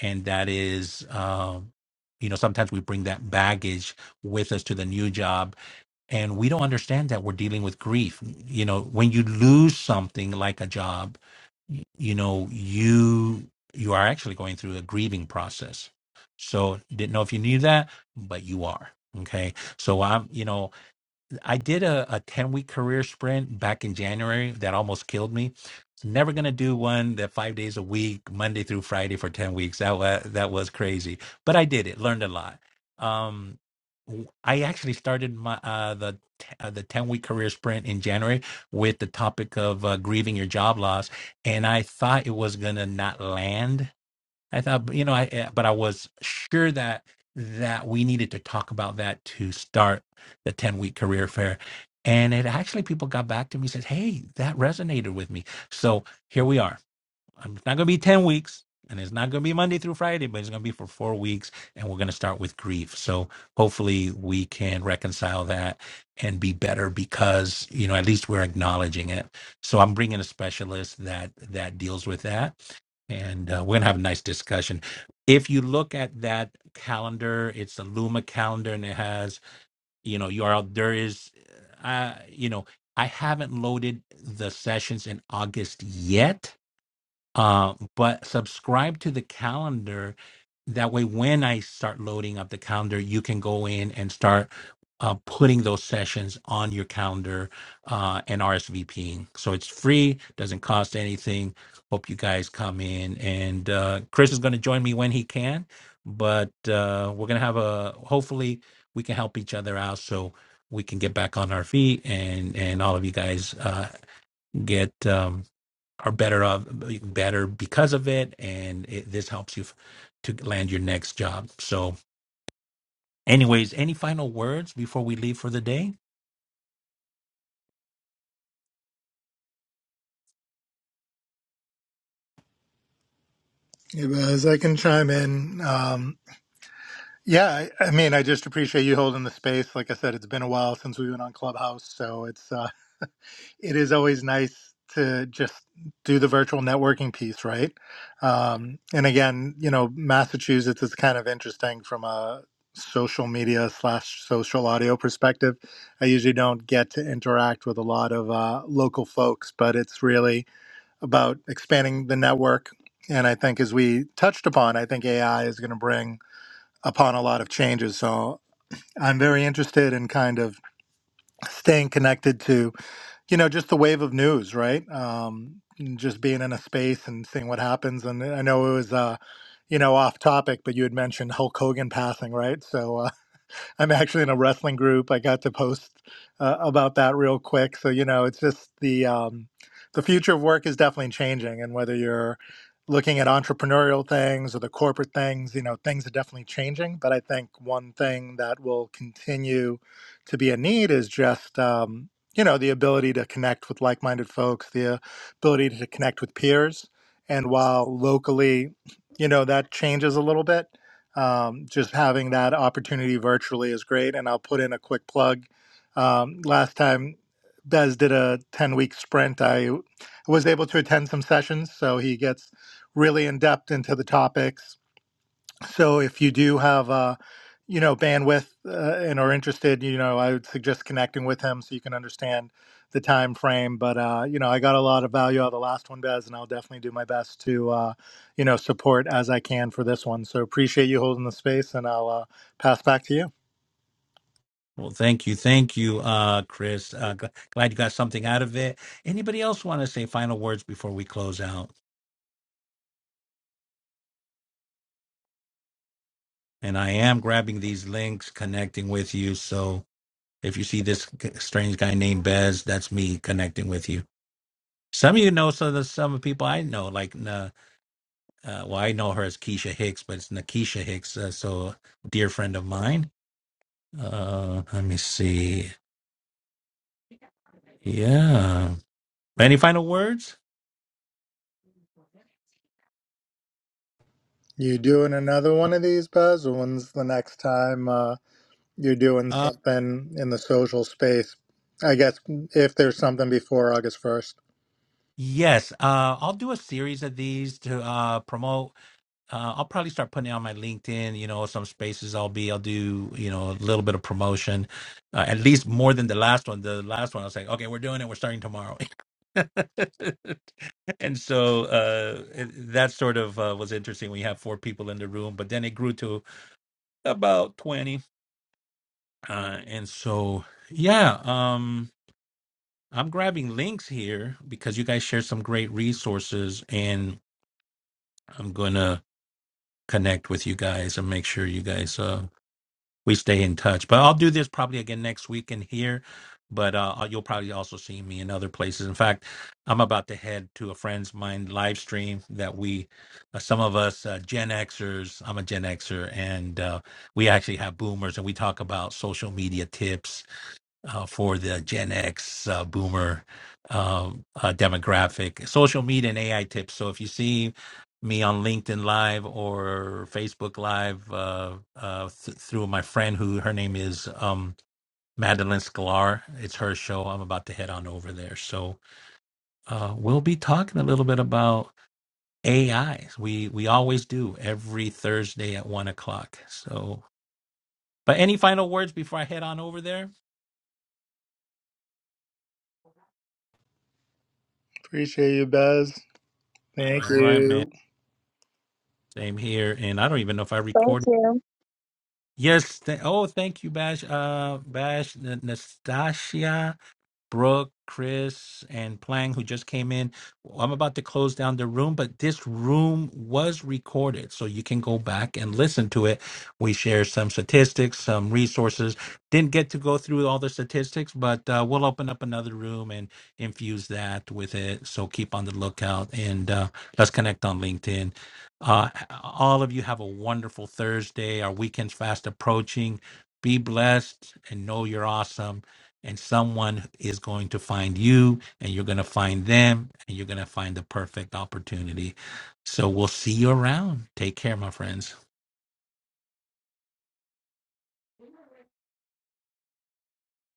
A: and that is, um, you know, sometimes we bring that baggage with us to the new job and we don't understand that we're dealing with grief you know when you lose something like a job y- you know you you are actually going through a grieving process so didn't know if you knew that but you are okay so i'm you know I did a, a 10 week career sprint back in January that almost killed me. Never going to do one that five days a week, Monday through Friday for 10 weeks. That, wa- that was crazy. But I did it, learned a lot. Um, w- I actually started my uh, the t- uh, the 10 week career sprint in January with the topic of uh, grieving your job loss. And I thought it was going to not land I thought, you know, I eh, but I was sure that that we needed to talk about that to start the 10 week career fair. And it actually people got back to me said, "Hey, that resonated with me." So, here we are um, It's not going to be 10 weeks and it's not going to be Monday through Friday, but it's going to be for four weeks. And we're going to start with grief. So hopefully we can reconcile that and be better because, you know, at least we're acknowledging it. So I'm bringing a specialist that, that deals with that. And uh, we're going to have a nice discussion. If you look at that calendar, it's a Luma calendar and it has, you know, you are there is, uh, you know, I haven't loaded the sessions in August yet uh, but subscribe to the calendar. That way, when I start loading up the calendar, you can go in and start uh, putting those sessions on your calendar uh, and RSVPing. So it's free, doesn't cost anything. Hope you guys come in. And uh, Chris is going to join me when he can, but uh, we're going to have a hopefully we can help each other out so we can get back on our feet and and all of you guys uh, get. Um, are better off better because of it and it, this helps you f- to land your next job so anyways any final words before we leave for the day
B: Yeah, Bez, I can chime in. Um, yeah, I, I mean, I just appreciate you holding the space. Like I said, it's been a while since we went on Clubhouse, so it's uh, it is always nice to just do the virtual networking piece, right? Um, and again, you know, Massachusetts is kind of interesting from a social media slash social audio perspective. I usually don't get to interact with a lot of uh, local folks, but it's really about expanding the network. And I think, as we touched upon, I think AI is going to bring upon a lot of changes. So I'm very interested in kind of staying connected to you know just the wave of news right um and just being in a space and seeing what happens and i know it was uh you know off topic but you had mentioned hulk hogan passing right so uh, I'm actually in a wrestling group. I got to post uh, about that real quick. So you know, it's just the um, the future of work is definitely changing, and whether you're looking at entrepreneurial things or the corporate things, you know, things are definitely changing. But I think one thing that will continue to be a need is just um, you know the ability to connect with like-minded folks, the ability to connect with peers, and while locally, you know, that changes a little bit um, just having that opportunity virtually is great. And I'll put in a quick plug. Um, last time Bez did a 10 week sprint, I was able to attend some sessions. So he gets really in depth into the topics, so if you do have, uh, you know, bandwidth uh, and are interested, you know, I would suggest connecting with him so you can understand the time frame. But uh, you know, I got a lot of value out of the last one, Bez, and I'll definitely do my best to, uh, you know, support as I can for this one. So appreciate you holding the space, and I'll uh, pass back to you.
A: well thank you thank you uh chris uh, g- glad you got something out of it anybody else want to say final words before we close out and i am grabbing these links connecting with you so if you see this g- strange guy named bez that's me connecting with you some of you know some of the some of the people i know like nah, uh, well, I know her as Keisha Hicks, but it's Nakisha Hicks. Uh, so, dear friend of mine. Uh, let me see. Yeah. Any final words?
B: You doing another one of these, Bez? or When's the next time uh, you're doing
A: Uh,
B: something in the social space? I guess if there's something before August 1st.
A: yes. Uh, I'll do a series of these to uh, promote. Uh, I'll probably start putting it on my LinkedIn. You know, some spaces I'll be. I'll do. You know, a little bit of promotion. Uh, at least more than the last one. The last one, I was like, okay, we're doing it. We're starting tomorrow. and so uh it, that sort of uh, was interesting we had four people in the room but then it grew to about 20 uh and so yeah um i'm grabbing links here because you guys share some great resources and i'm gonna connect with you guys and make sure you guys uh we stay in touch. But I'll do this probably again next week in here. But uh, uh, you'll probably also see me in other places. In fact, I'm about to head to a friend's mine live stream that we, uh, some of us uh, Gen Xers, I'm a Gen Xer, and uh, we actually have boomers, and we talk about social media tips uh, for the Gen X uh, boomer um, uh, demographic. Social media and AI tips. So if you see me on LinkedIn Live or Facebook Live uh, uh, th- through my friend who her name is um, Madeline Sklar, it's her show. I'm about to head on over there. So uh, we'll be talking a little bit about AI. We we always do every Thursday at one o'clock. So. But any final words before I head on over there?
B: Appreciate you, Bez. Thank
A: All right, man.
B: you.
A: Same here, and I don't even know if I
D: thank
A: recorded.
D: you
A: Yes. Th- oh, thank you, Bash. Uh, Bash N- Nastasia. Brooke, Chris, and Plang, who just came in. Well, I'm about to close down the room, but this room was recorded, so you can go back and listen to it. We share some statistics, some resources. Didn't get to go through all the statistics, but uh, we'll open up another room and infuse that with it. So keep on the lookout and uh, let's connect on LinkedIn. Uh, all of you have a wonderful Thursday. Our weekend's fast approaching. Be blessed and know you're awesome and someone is going to find you and you're going to find them and you're going to find the perfect opportunity so we'll see you around take care my friends